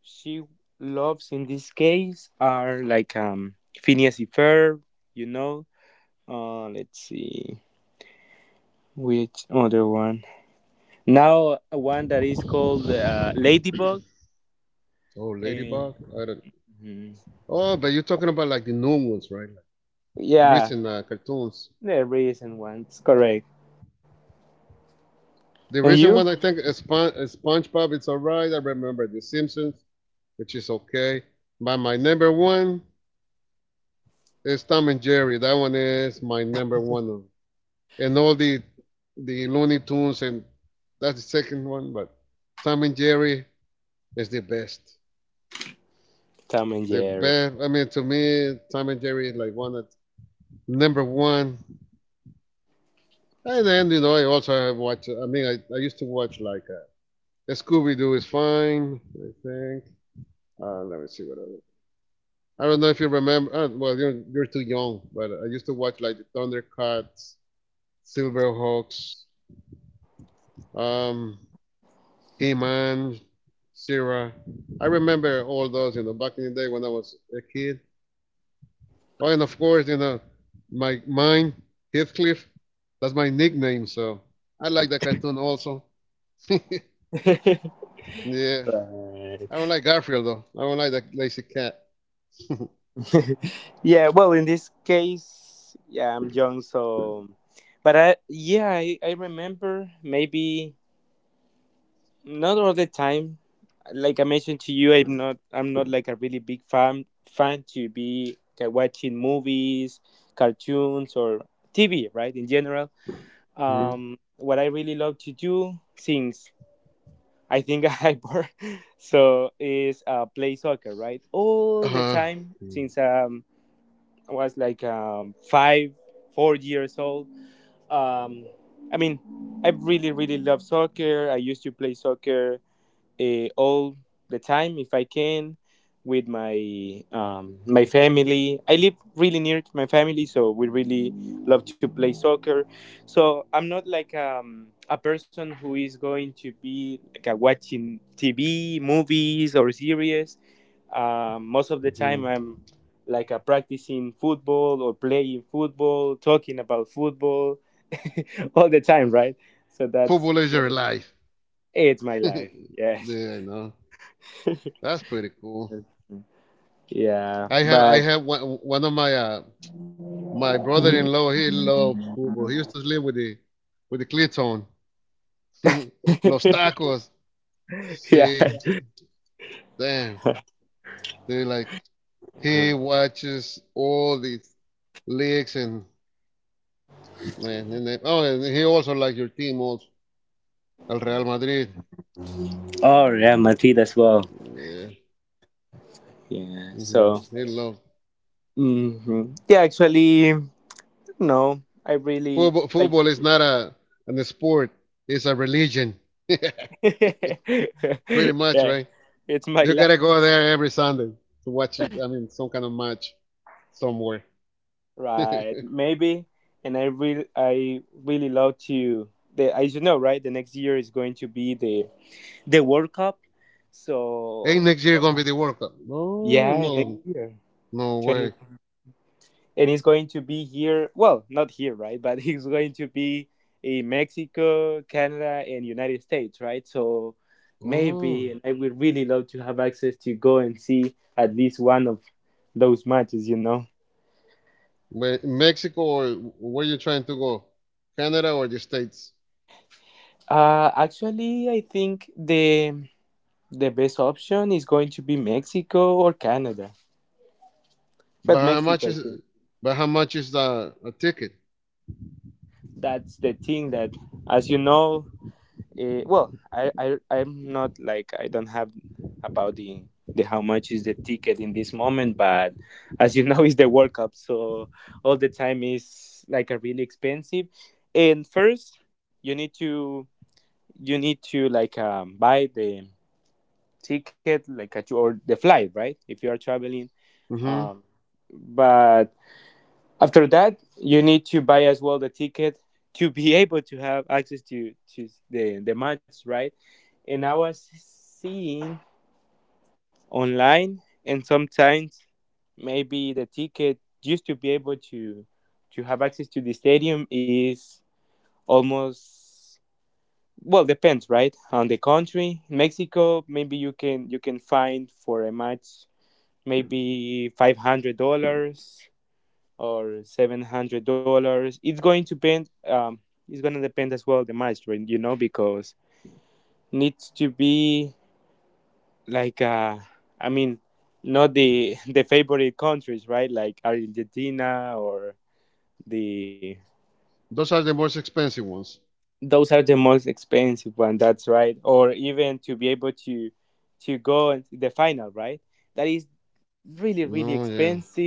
she loves in this case are like Phineas and Ferb, you know let's see which other one now. One that is called Ladybug.
Oh,
uh,
Ladybug? I don't.
mhm.
Oh, but you're talking about like the known ones, right? Like
Yeah,
recent cartoons.
the recent ones, correct. And
The
you,
recent one I think is SpongeBob. It's alright. I remember The Simpsons, which is okay. But my number one is Tom and Jerry. That one is my number one. And all the Looney Tunes, and that's the second one. But Tom and Jerry is the best.
Tom and
The
Jerry.
best. I mean, to me, Tom and Jerry is like one of number one. And then I also have watched. I mean, I used to watch like Scooby Doo is fine, I think. Let me see what other. I don't know if you remember. You're too young, but I used to watch like the Thundercats, Silverhawks, um, He-Man, Sierra. I remember all those. You know, back in the day when I was a kid. Oh, and of course, you know, my mine Heathcliff. That's my nickname. So I like that cartoon also. Yeah.
Right.
I don't like Garfield though. I don't like that lazy cat.
Yeah, well, in this case, yeah, I'm young. So but I yeah I remember, maybe not all the time. Like I mentioned to you, I'm not like a really big fan to be like, watching movies, cartoons, or TV, right, in general.
Hmm?
What I really love to do since I think I born, so is play soccer, right, all the
Uh-huh.
time since I was like 5, 4 years old. Um, I mean, I really, really love soccer. I used to play soccer all the time if I can with my family. I live really near to my family, so we really love to play soccer. So I'm not like a person who is going to be like a watching TV, movies, or series. Most of the time,
Hmm.
I'm like a practicing football or playing football, talking about football all the time, right? So that's
Football is
what
your
it-
life.
it's my life. Yes.
Yeah, I know. That's pretty cool.
Yeah,
I have I
but
have one of my my brother-in-law. He loves football. He used to live with the Clinton. Los tacos.
yeah,
See, yeah. Damn. They like he watches all these leagues, and man, and then, oh, and he also likes your team also, Al Real Madrid.
or yeah, Madrid as well.
Yeah.
Yeah,
Hmm.
so,
They love
mhm. Yeah, actually, no, I really
football.
like.
Football is not a an sport; it's a religion,
Yeah,
pretty much, right?
it's my
You
life,
gotta go there every Sunday to watch. I mean, some kind of match somewhere. Hey,
right? Maybe, and I really love to. The As you know, right? The next year is going to be the World Cup, so
next year gonna be the World Cup? No,
yeah, next
no,
year,
no way.
and he's going to be here. Well, not here, right? But he's going to be in Mexico, Canada, and United States, right? So maybe,
Oh,
and I would really love to have access to go and see at least one of those matches. You know,
where, Mexico or where you trying to go? Canada or the States?
actually, I think the best option is going to be Mexico or Canada, but
But how much
Mexico, I
is?
think
But how much is the a ticket?
that's the thing that, as you know, well, I'm not like I don't have about the how much is the ticket in this moment, but as you know, it's the World Cup, so all the time is like a really expensive. And first, you need to you need to like buy the ticket like at your, or the flight, right? If you are traveling,
hmm
um, but after that, you need to buy as well the ticket to be able to have access to the match, right? And I was seeing online, and sometimes maybe the ticket just to be able to have access to the stadium is almost, well, depends, right, on the country. In Mexico, maybe you can find for a match maybe $500 or $700. It's going to depend. It's going to depend as well the match, right, because needs to be like I mean, not the the favorite countries, right? Like Argentina, or the
Those are the most expensive ones.
those are the most expensive one. That's right. Or even to be able to go into the final, right, that is really really
Oh yeah.
expensive.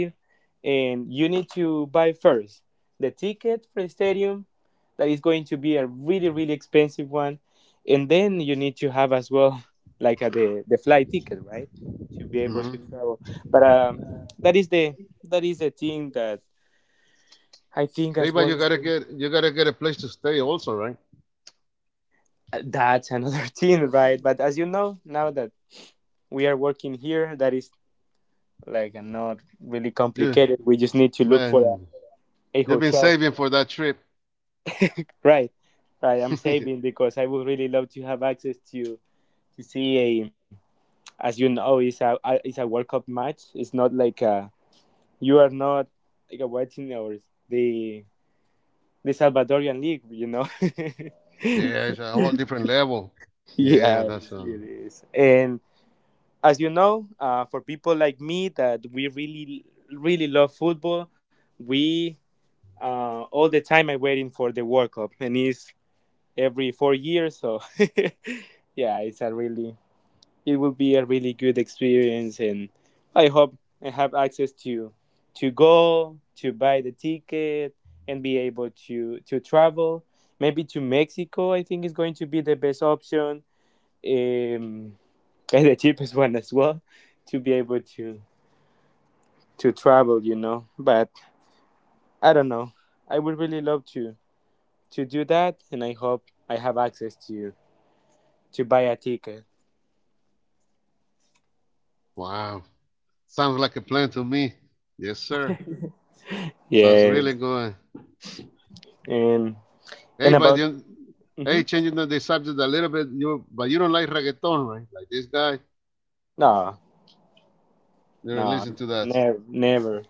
And you need to buy first the ticket for the stadium that is going to be a really really expensive one. And then you need to have as well like a, the flight ticket, right, to be able
hmm
to travel. But that is the that is the thing that I think
Hey,
as
but
well
you
is
gotta get a place to stay also, right?
that's another thing, right? But as you know, now that we are working here, that is like not really
You,
complicated. We just need to look for
man,
a
you've been
hotel,
saving for that trip.
right, right. I'm
Yeah,
saving because I would really love to have access to see a as you know, it's it's a World Cup match. It's not like a you are not like a watching or the the Salvadorian league.
it's a whole different level. Yeah,
Yes,
that's a
it is. And as you know, for people like me that we really, really love football, we all the time I'm waiting for the World Cup, and it's every 4 years. So, yeah, it's it will be a really good experience, and I hope I have access to go to buy the ticket and be able to travel. Maybe to Mexico, I think is going to be the best option. Um, and the cheapest one as well to be able to travel. But I don't know, I would really love to do that, and I hope I have access to buy a ticket.
wow. Sounds like a plan to me. Yes, sir. Sounds
Yeah.
really good.
and
Hey,
and
but
about hmm
changing the subject a little bit. You but you don't like reggaeton, right? Like this guy,
no,
you don't
no,
listen to that.
never, never,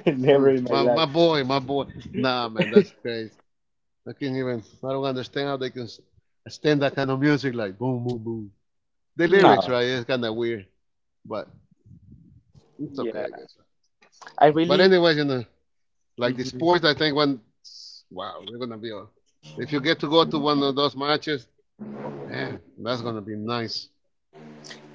never
Hmm,
in my
My
life.
my boy, my boy. Nah, man, that's crazy. I can't even. I don't understand how they can stand that kind of music, like boom, boom, boom. The lyrics,
No.
right? It's kind of weird, but it's okay, I
Yeah,
guess.
I
But
really.
anyways, like the
Mhm.
sports, I think when wow, they're gonna be. If you get to go to one of those matches, man, that's gonna be nice.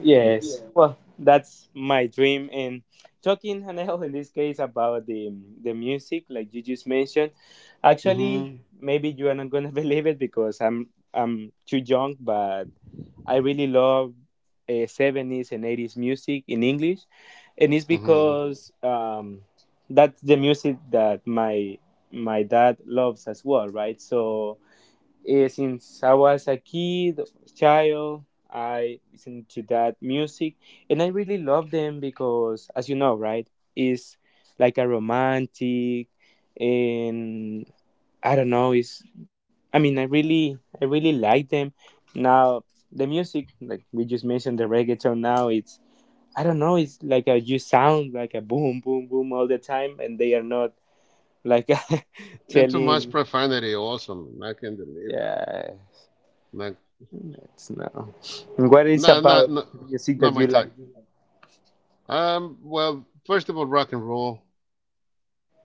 Yes, well, that's my dream. And talking, Anel, in this case about the music, like you just mentioned, actually,
Mhm.
maybe you are not gonna believe it because I'm too young, but I really love 70s and 80s music in English, and it's
Mhm.
because that's the music that my dad loves as well, right? So, since I was a kid, child, I listened to that music, and I really love them because, as you know, right, it's like a romantic, and I don't know. It's, I mean, I really like them. Now the music, like we just mentioned, the reggaeton. Now it's, I don't know. It's like a You sound like a boom, boom, boom all the time, and they are not like
And too much
telling.
profanity, also, man. I can't believe that.
Yeah.
Like,
Let's know. And what is
not, not,
about
not,
music
not
that
my
you like?
type. Well, first of all, rock and roll.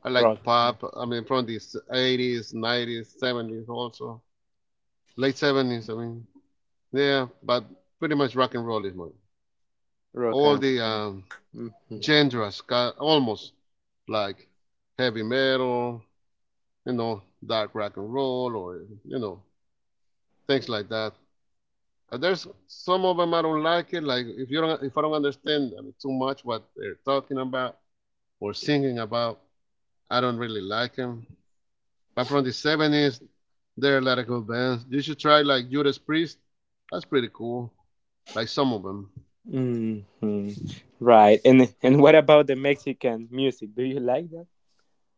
I like
Rock.
pop. I mean, from the 80s, 90s, 70s, also late 70s. I mean, yeah, but pretty much rock and roll is mine.
Rock
All
and,
the
hmm,
genres, almost like heavy metal, you know, dark rock and roll, or you know, things like that. There's some of them I don't like it. Like if I don't understand, I mean, too much what they're talking about or singing about, I don't really like them. But from the 70s, there are a lot of good bands. You should try like Judas Priest. That's pretty cool. Like some of them.
hmm. Right. And what about the Mexican music? Do you like that?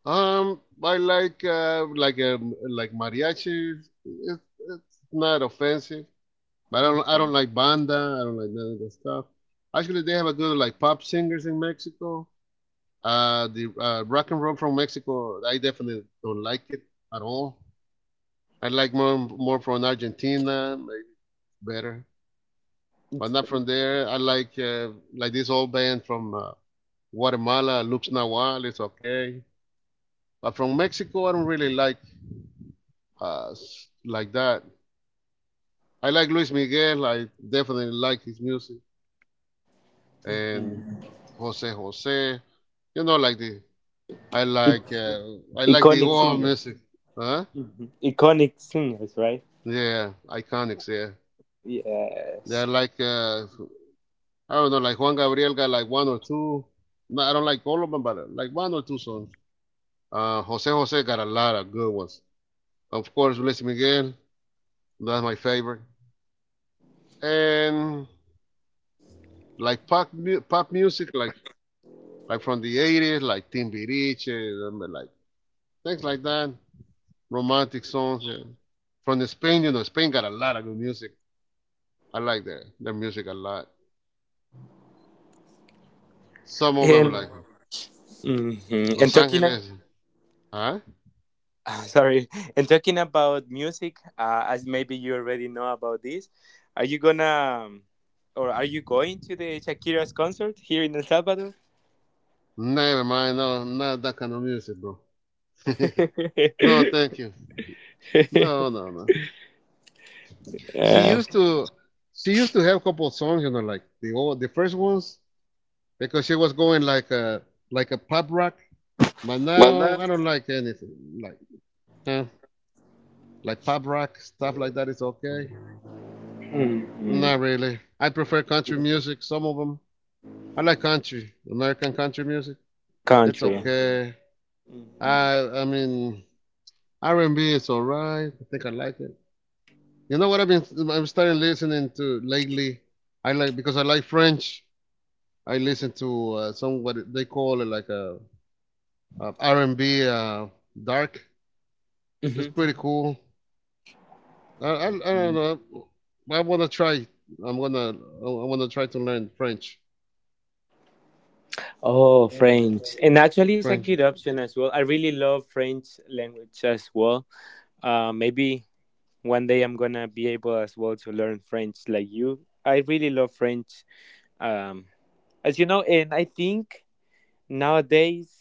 I like a like mariachi. It's not offensive, but I don't like banda. I don't like none of that stuff. Actually, they have a good like pop singers in Mexico. The rock and roll from Mexico, I definitely don't like it at all. I like more from Argentina, like better. But
It's
not from there. I like this old band from Guatemala, Lux Nahual. It's okay. But from Mexico, I don't really uh, like that. I like Luis Miguel. I definitely like his music and Jose Jose. You know, like the I like uh, I like the
iconic
old
singers.
music. Huh?
Hmm. Iconic singers, right?
Yeah, iconics. Yeah, they're
Yes.
like I don't know, like Juan Gabriel got like one or two. No, I don't like all of them, but like one or two songs. Jose Jose got a lot of good ones. Of course, Luis Miguel, that's my favorite. And like pop music, like from the 80s, like Timbiriche, like things like that. Romantic songs. Yeah. From the Spain, you know, Spain got a lot of good music. I like that, their music a lot. Some of
And,
them like
mhm, and
Los
talking
Angeles. Huh?
sorry. And talking about music, as maybe you already know about this, are you gonna, or are you going to the Shakira's concert here in El Salvador?
Never mind, no, not that kind of music, bro. No, thank you. No, no, no. she
Yeah.
used to she used to have a couple of songs, you know, like the first ones because she was going like a pop rock. But now I don't like anything like huh, like pop rock stuff like that is okay.
Mm-hmm.
Not really. I prefer country music. Some of them I like country American country music. It's Oh,
Country.
okay.
Hmm.
I mean R&B is alright. I think I like it. You know what I'm starting listening to lately. I like Because I like French. I listen to some what they call it like a, R&B dark. It's pretty cool. I don't know. I want to try. I'm gonna. I want to try to learn French.
Oh, French. And actually, it's a good
French.
option as well. I really love French language as well. Maybe one day I'm gonna be able as well to learn French like you. I really love French. Um, as you know, and I think nowadays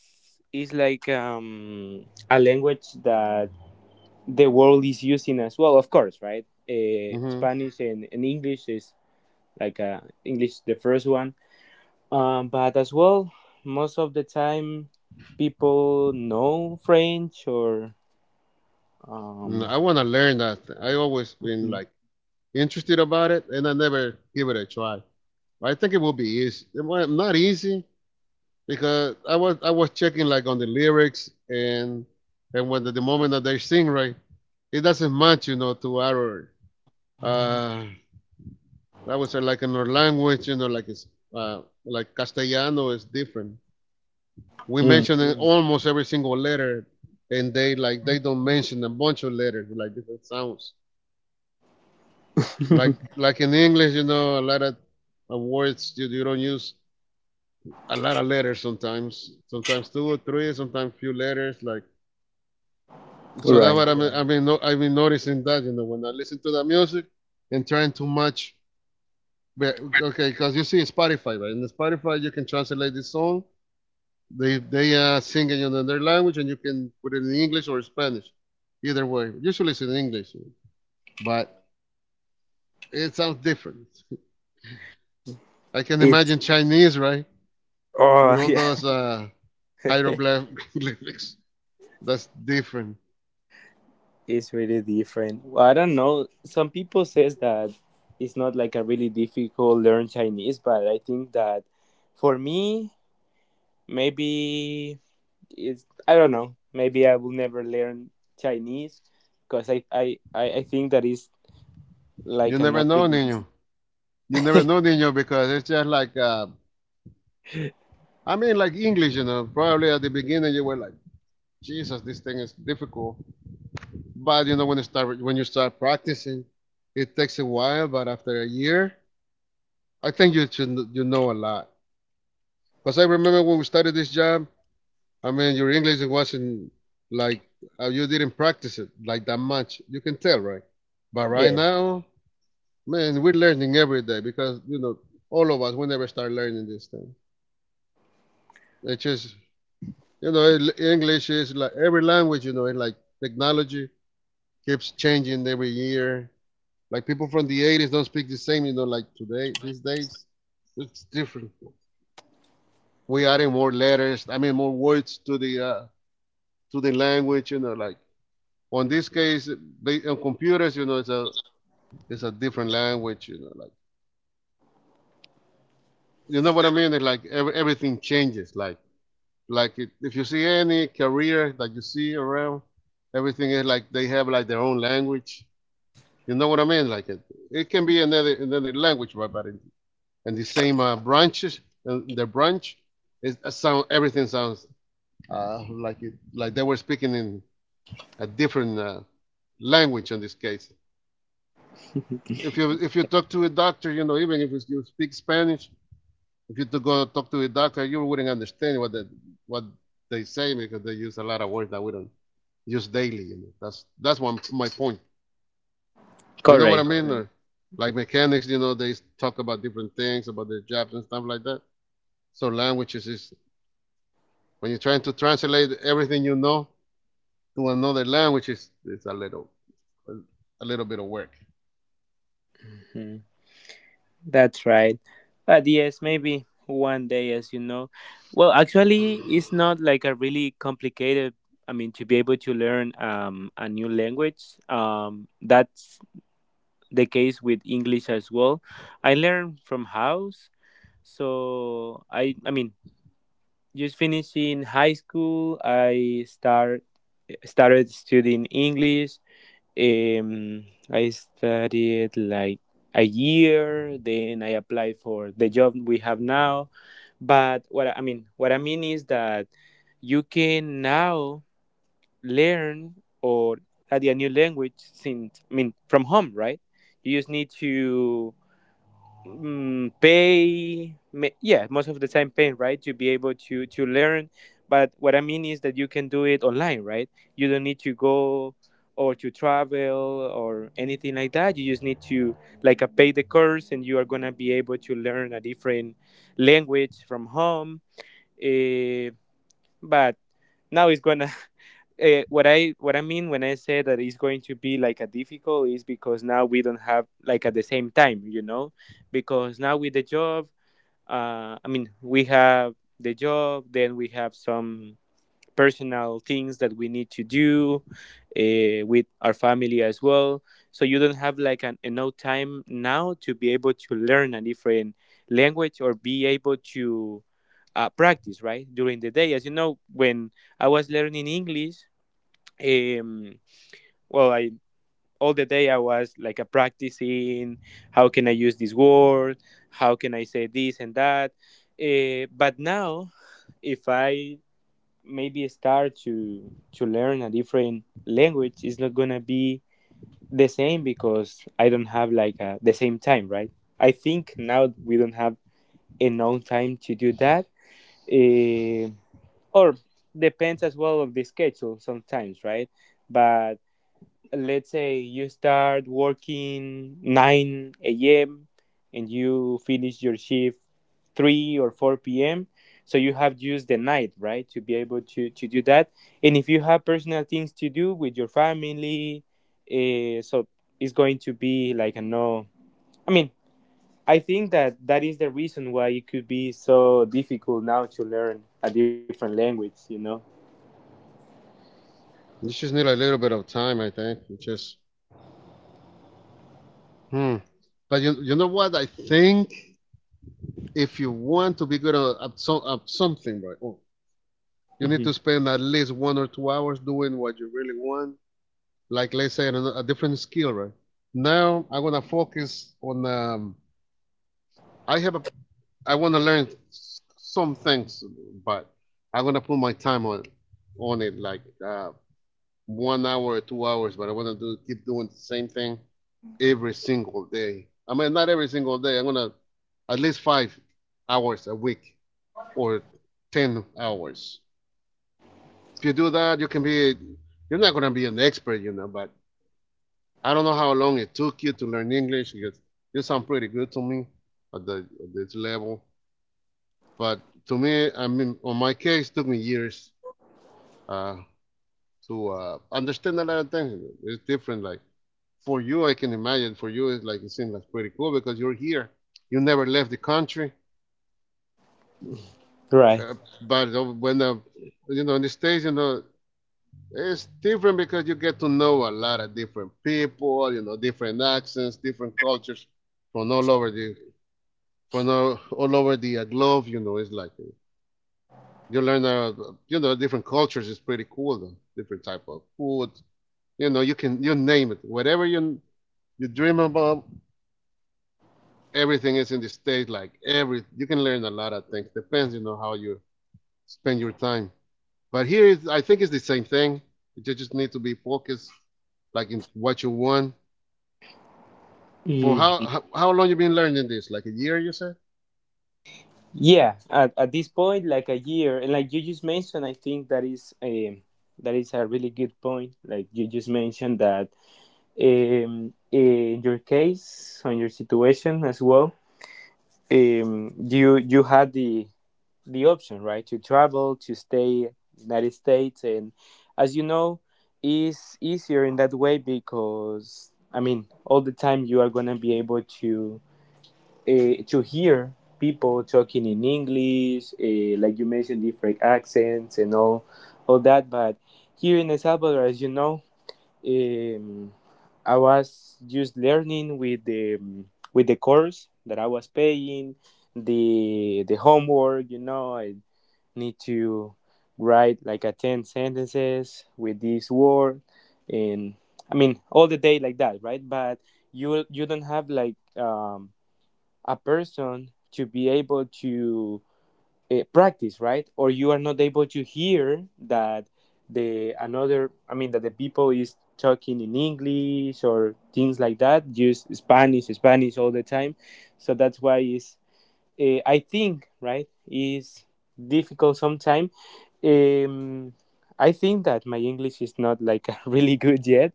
it's like a language that the world is using as well, of course, right?
Hmm,
Spanish and English is like, English the first one, but as well most of the time people know French or, um,
I want to learn that. I always been like interested about it, and I never give it a try. I think it will be easy. Not easy because I was checking like on the lyrics and when the moment that they sing, right, it doesn't match, to our Uh, I would say, like in our language, like it's like Castellano is different. We
mm,
mention it almost every single letter, and they don't mention a bunch of letters like different sounds. Like like in English, a lot of words you don't use a lot of letters sometimes. Sometimes two or three, sometimes few letters. Like so that's what yeah.
right.
I mean, no, I've been noticing that when I listen to the music and trying to match, okay, because you see Spotify, right? In the Spotify, you can translate the song. They sing it in their language, and you can put it in English or Spanish. Either way, usually it's in English, but it sounds different. I can
It...
imagine Chinese, right? With
oh,
all
yeah,
those hieroglyphics. That's different.
it's really different. Well, I don't know, some people says that it's not like a really difficult learn Chinese, but I think that for me maybe it's, I don't know. Maybe I will never learn Chinese because I think that is
You
like a
never
not
know,
really easy...
Nino. You never know, Nino, because it's just like, I mean, like English, you know. Probably at the beginning you were like, Jesus, this thing is difficult. But you know, when you start practicing, it takes a while. But after a year, I think you should you know a lot. Because I remember when we started this job, I mean, your English wasn't like you didn't practice it like that much. You can tell, right? But right
yeah,
now, man, we're learning every day because you know all of us we never start learning this thing. It's just English is like every language. It's like technology keeps changing every year. Like people from the 80s don't speak the same, like today, these days. It's different. We adding more letters, I mean, more words to the language, like on this case, they, on computers, it's a different language, like you know what I mean? It's like everything changes, if you see any career that you see around, everything is like they have like their own language. You know what I mean? It can be another another language, right? And the same branches, the branch, it sound everything sounds like it like they were speaking in a different language in this case. If you talk to a doctor, you know, even if you speak Spanish, if you to go talk to a doctor, you wouldn't understand what what they say because they use a lot of words that we don't use daily. You know? That's one my point. You know what I
correct.
mean? Or like mechanics, you know, they talk about different things about their jobs and stuff like that. So languages is when you're trying to translate everything you know to another language, it's a little bit of work.
Mhm. That's right. But yes, maybe one day, as you know. Well, actually, it's not like a really complicated. I mean, to be able to learn a new language, that's the case with English as well. I learn from house, so I mean, just finishing high school, I started studying English. Um, I studied like a year, then I applied for the job we have now. But what I mean, what I mean is that you can now learn or study a new language since, I mean, from home, right? You just need to pay yeah, most of the time paying, right, to be able to learn, but what I mean is that you can do it online, right? You don't need to go or to travel or anything like that. You just need to, like, pay the course and you are going to be able to learn a different language from home. Eh, but now it's gonna what I mean when I say that it's going to be like a difficult is because now we don't have like at the same time, you know, because now with the job, I mean we have the job, then we have some personal things that we need to do with our family as well. So you don't have like an enough time now to be able to learn a different language or be able to practice right during the day. As you know, when I was learning English, um, well, I all the day I was like a practicing, how can I use this word, how can I say this and that? But now if I maybe start to learn a different language, it's not gonna be the same because I don't have like a the same time, right? I think now we don't have enough time to do that. uh, or depends as well of the schedule sometimes, right? But let's say you start working 9 a.m. and you finish your shift 3 or 4 p.m. So you have used the night, right, to be able to do that. And if you have personal things to do with your family, so it's going to be like a no. I mean, I think that that is the reason why it could be so difficult now to learn a different language, you know?
You just need a little bit of time, I think. You just hmm. But you know what? I think if you want to be good at, at something, right? Oh, you need
Hmm.
to spend at least one or two hours doing what you really want. Like let's say a different skill, right? Now I'm gonna focus on I have a, I want to learn some things, but I'm gonna put my time on it, like one hour or two hours. But I want to do keep doing the same thing every single day. I mean, not every single day. I'm gonna at least 5 hours a week or 10 hours. If you do that, you can be. You're not gonna be an expert, you know. But I don't know how long it took you to learn English because you sound pretty good to me at the at this level. But to me, I mean, on my case, it took me years uh, to understand a lot of things. It's different. Like for you, I can imagine. For you, it's like it seems like pretty cool because you're here. You never left the country.
Right.
Uh, but when the, you know in the states, you know, it's different because you get to know a lot of different people. You know, different accents, different cultures from all over the from all over the globe. You know, it's like you learn you know different cultures is pretty cool though. Different type of food, you know, you can you name it whatever you you dream about, everything is in the state, like every you can learn a lot of things depends you know how you spend your time. But here is I think it's the same thing. You just need to be focused like in what you want. For how
Mm.
how long you been learning this, like a year you said?
Yeah, at this point, like a year, and like you just mentioned, I think that is a really good point. Like you just mentioned that, in your case, on your situation as well, you had the option, right, to travel to stay United States, and as you know, is easier in that way because, I mean, all the time you are gonna be able to, to hear people talking in English, like you mentioned, different accents and all that. But here in El Salvador, as you know, um, I was just learning with the, with the course that I was paying, the homework. You know, I need to write like a 10 sentences with this word, and I mean all the day like that, right? But you don't have like a person to be able to, practice, right, or you are not able to hear that the another, I mean, that the people is talking in English or things like that. Use Spanish, Spanish all the time, so that's why is, I think, right, is difficult sometimes. um I think that my English is not like really good yet,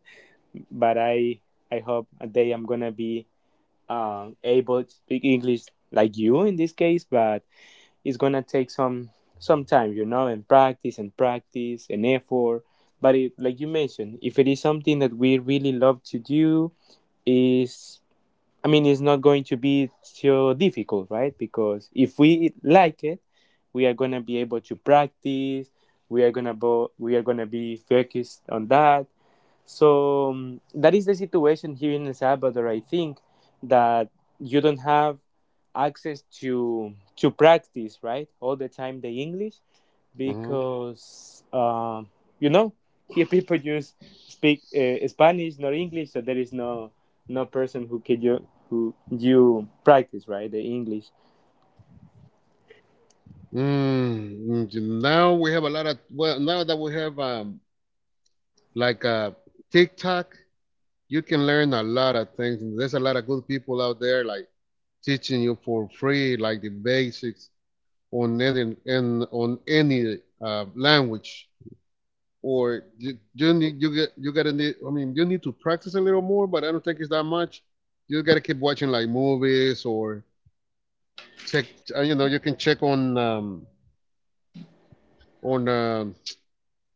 but I hope a day I'm gonna be, able to speak English like you in this case, but it's gonna take some time, you know, and practice and practice and effort. But it, like you mentioned, if it is something that we really love to do, is, I mean, it's not going to be so difficult, right? Because if we like it, we are gonna be able to practice. We are gonna we are gonna be focused on that, so that is the situation here in El Salvador. I think that you don't have access to practice, right, all the time the English
hmm
because, you know, here people just speak, Spanish, not English, so there is no person who can you who you practice, right, the English.
Now we have a lot of now that we have like TikTok, you can learn a lot of things. And there's a lot of good people out there like teaching you for free like the basics on any and on any language. You need you get you gotta need I mean you need to practice a little more, but I don't think it's that much. You gotta keep watching like movies or check you know you can check on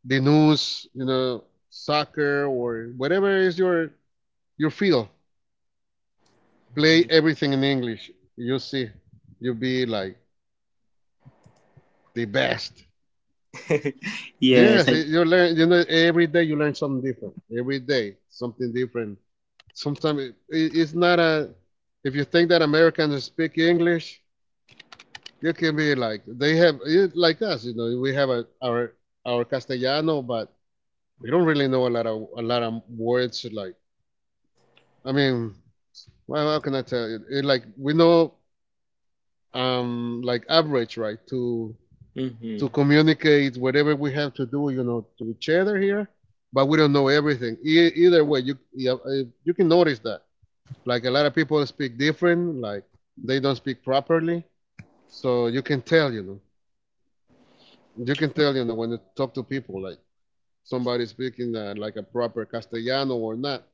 the news, you know, soccer or whatever is your field. Play everything in English. You see, you'll be like the best. Yes, you learn. You know, every day you learn something different. Every day, something different. Sometimes it's not a. If you think that Americans speak English, you can be like they have it, like us. You know, we have our Castellano, but we don't really know a lot of words. Like, I mean, well, how can I tell you? It, like we know, like average, right?
Hmm.
To communicate whatever we have to do, you know, to each other here. But we don't know everything. E- either way, you yeah, you can notice that. Like a lot of people speak different. Like they don't speak properly. So you can tell, you know, you can tell, you know, when you talk to people, like somebody speaking like a proper Castellano or not.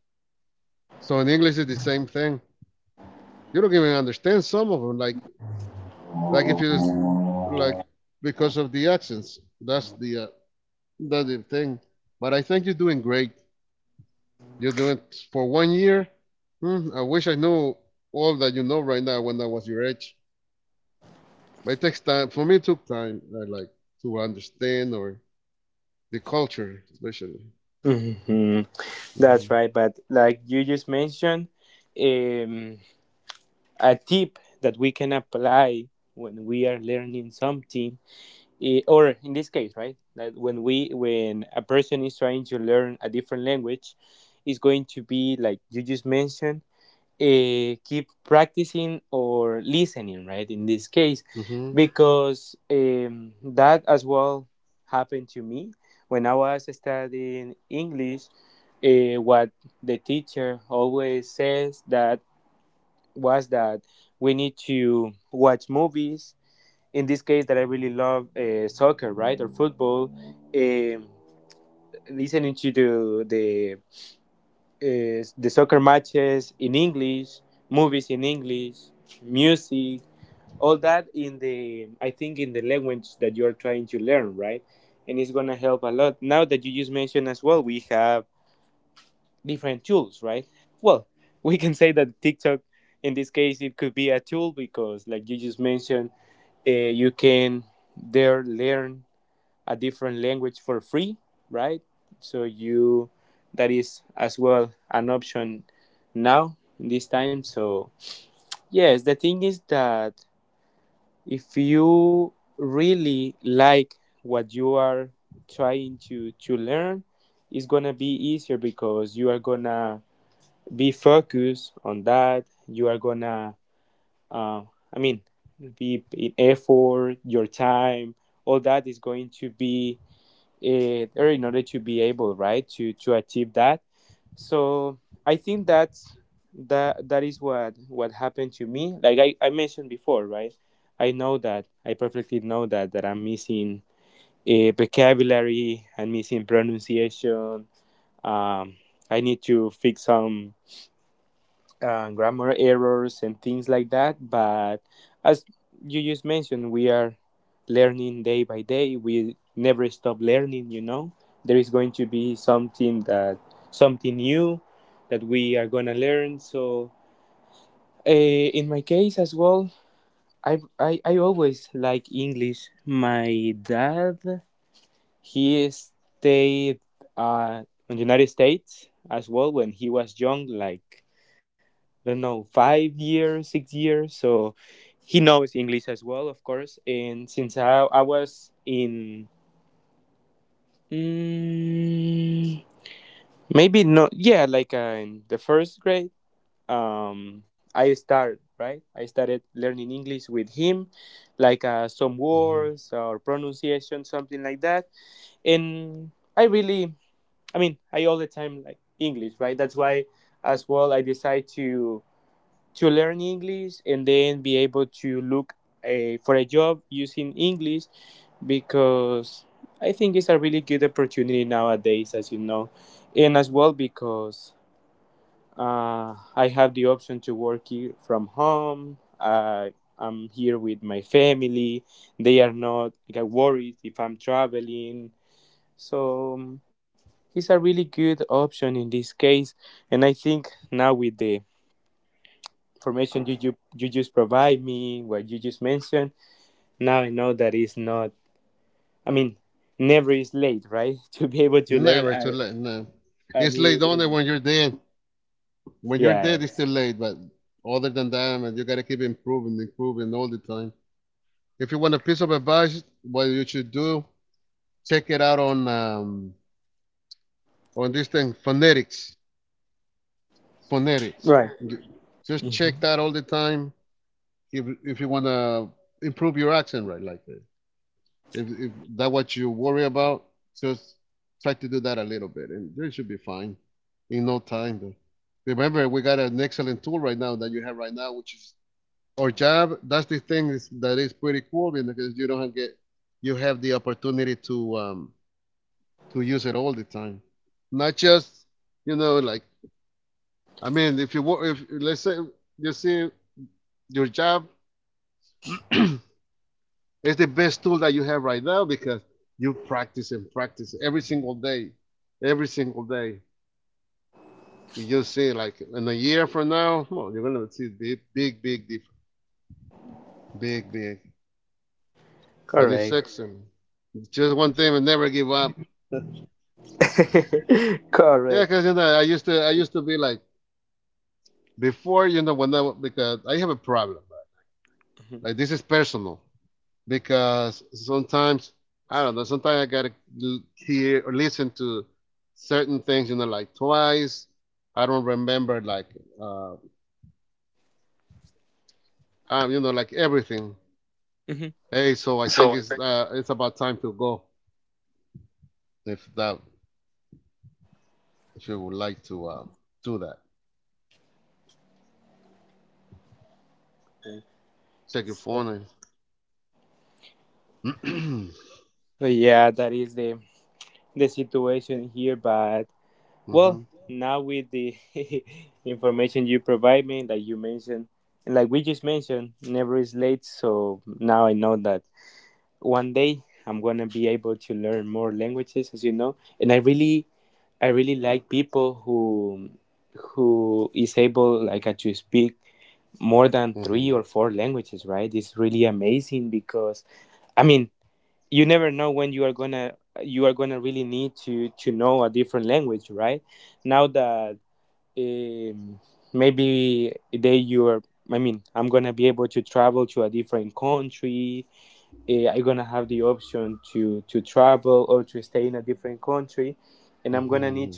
So in English, it's the same thing. You don't even understand some of them. If you like because of the accents. That's the thing. But I think you're doing great. You do it for 1 year. I wish I knew all that you know right now when I was your age. But it takes time. For me, it took time. I like to understand or the culture, especially.
Hmm.
hmm
That's right. But like you just mentioned. Um, a tip that we can apply when we are learning something, or in this case, right, that when we when a person is trying to learn a different language is going to be like you just mentioned, keep practicing or listening, right, in this case,
hmm
because that as well happened to me when I was studying English. What the teacher always says that was that we need to watch movies. In this case, that I really love, soccer, right, or football. Um, Listening to the the soccer matches in English, movies in English, music, all that in the, I think, in the language that you're trying to learn, right? And it's gonna help a lot. Now that you just mentioned as well, we have different tools, right? Well, we can say that TikTok, in this case, it could be a tool because, like you just mentioned, uh, you can there learn a different language for free, right? So you that is as well an option now in this time. So yes, the thing is that if you really like what you are trying to learn, it's gonna be easier because you are gonna be focused on that. You are gonna, uh, I mean, be in effort, your time, all that is going to be there in order to be able, right, to achieve that. So I think that's that is what happened to me. Like I mentioned before, right? I know that I perfectly know that that I'm missing a vocabulary and missing pronunciation. Um, I need to fix some grammar errors and things like that. But as you just mentioned, we are learning day by day. We never stop learning, you know. There is going to be something that something new that we are gonna learn. So, in my case as well, I always like English. My dad, he stayed uh, in the United States as well when he was young, like don't know 5 years 6 years, so he knows English as well, of course, and since I was in, mm, maybe not, yeah, like, in the first grade, I started, right, I started learning English with him, like, some
hmm
words or pronunciation, something like that, and I really, I mean, I all the time like English, right? That's why as well I decide to learn English and then be able to look a for a job using English because I think it's a really good opportunity nowadays, as you know, and as well because, I have the option to work here from home. I'm here with my family. They are not like worried if I'm traveling. So, it's a really good option in this case. And I think now with the information you just provide me, what you just mentioned. Now I know that it's not. I mean, never is late, right? To be able to learn
Never too late. No,
a
it's
new
late only
language.
when you're dead. When you're dead, it's
Yes.
too late. But other than that, man, you gotta keep improving, improving all the time. If you want a piece of advice, what you should do, check it out on this thing phonetics. Phonetics.
Right.
Just
Hmm.
check that all the time if you want to improve your accent right like that. If that what you worry about, just try to do that a little bit, and you should be fine in no time. Remember, we got an excellent tool right now that you have right now, which is our job. That's the thing is, that is pretty cool because you don't have get you have the opportunity to use it all the time, not just you know like I mean if let's say you see your job is the best tool that you have right now because you practice and practice every single day, every single day. You just see like in a year from now, well, you're gonna see big difference, big. And it's
Correct.
excellent. It's just one thing and never give up. Yeah,
Correct.
'cause you know I used to be like before you know when I because I have a problem. Right? Like this is personal. Because sometimes I don't know. Sometimes I gotta hear or listen to certain things, you know, like twice. I don't remember like uh, you know, like everything. Hey, so I think it's about time to go. If that, if you would like to do that, check your phone. And hmm hmm hmm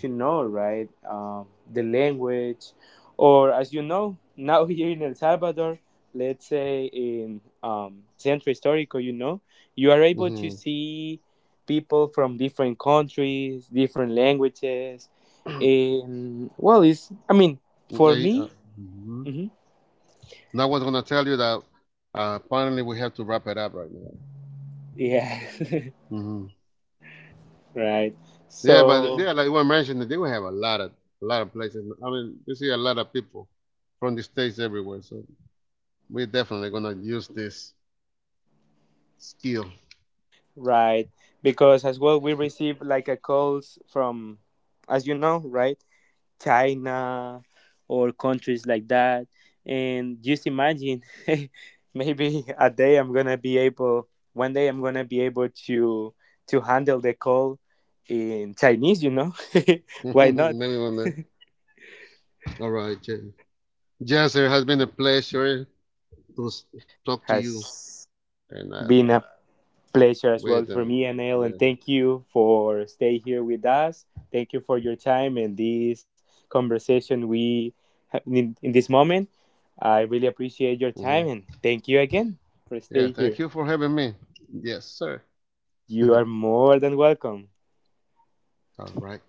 hmm hey, mhm. And I was gonna tell you that apparently we have to wrap it up right now. hmm Yeah, but yeah, like we mentioned, they will have a lot of places. I mean, you see a lot of people from the states everywhere. So we're definitely gonna use this skill. Maybe one day. All right, Jen. Jess, it has been a pleasure to talk to you. And with yeah, mhm. Yeah, thank you for having me. Yes, sir. All right.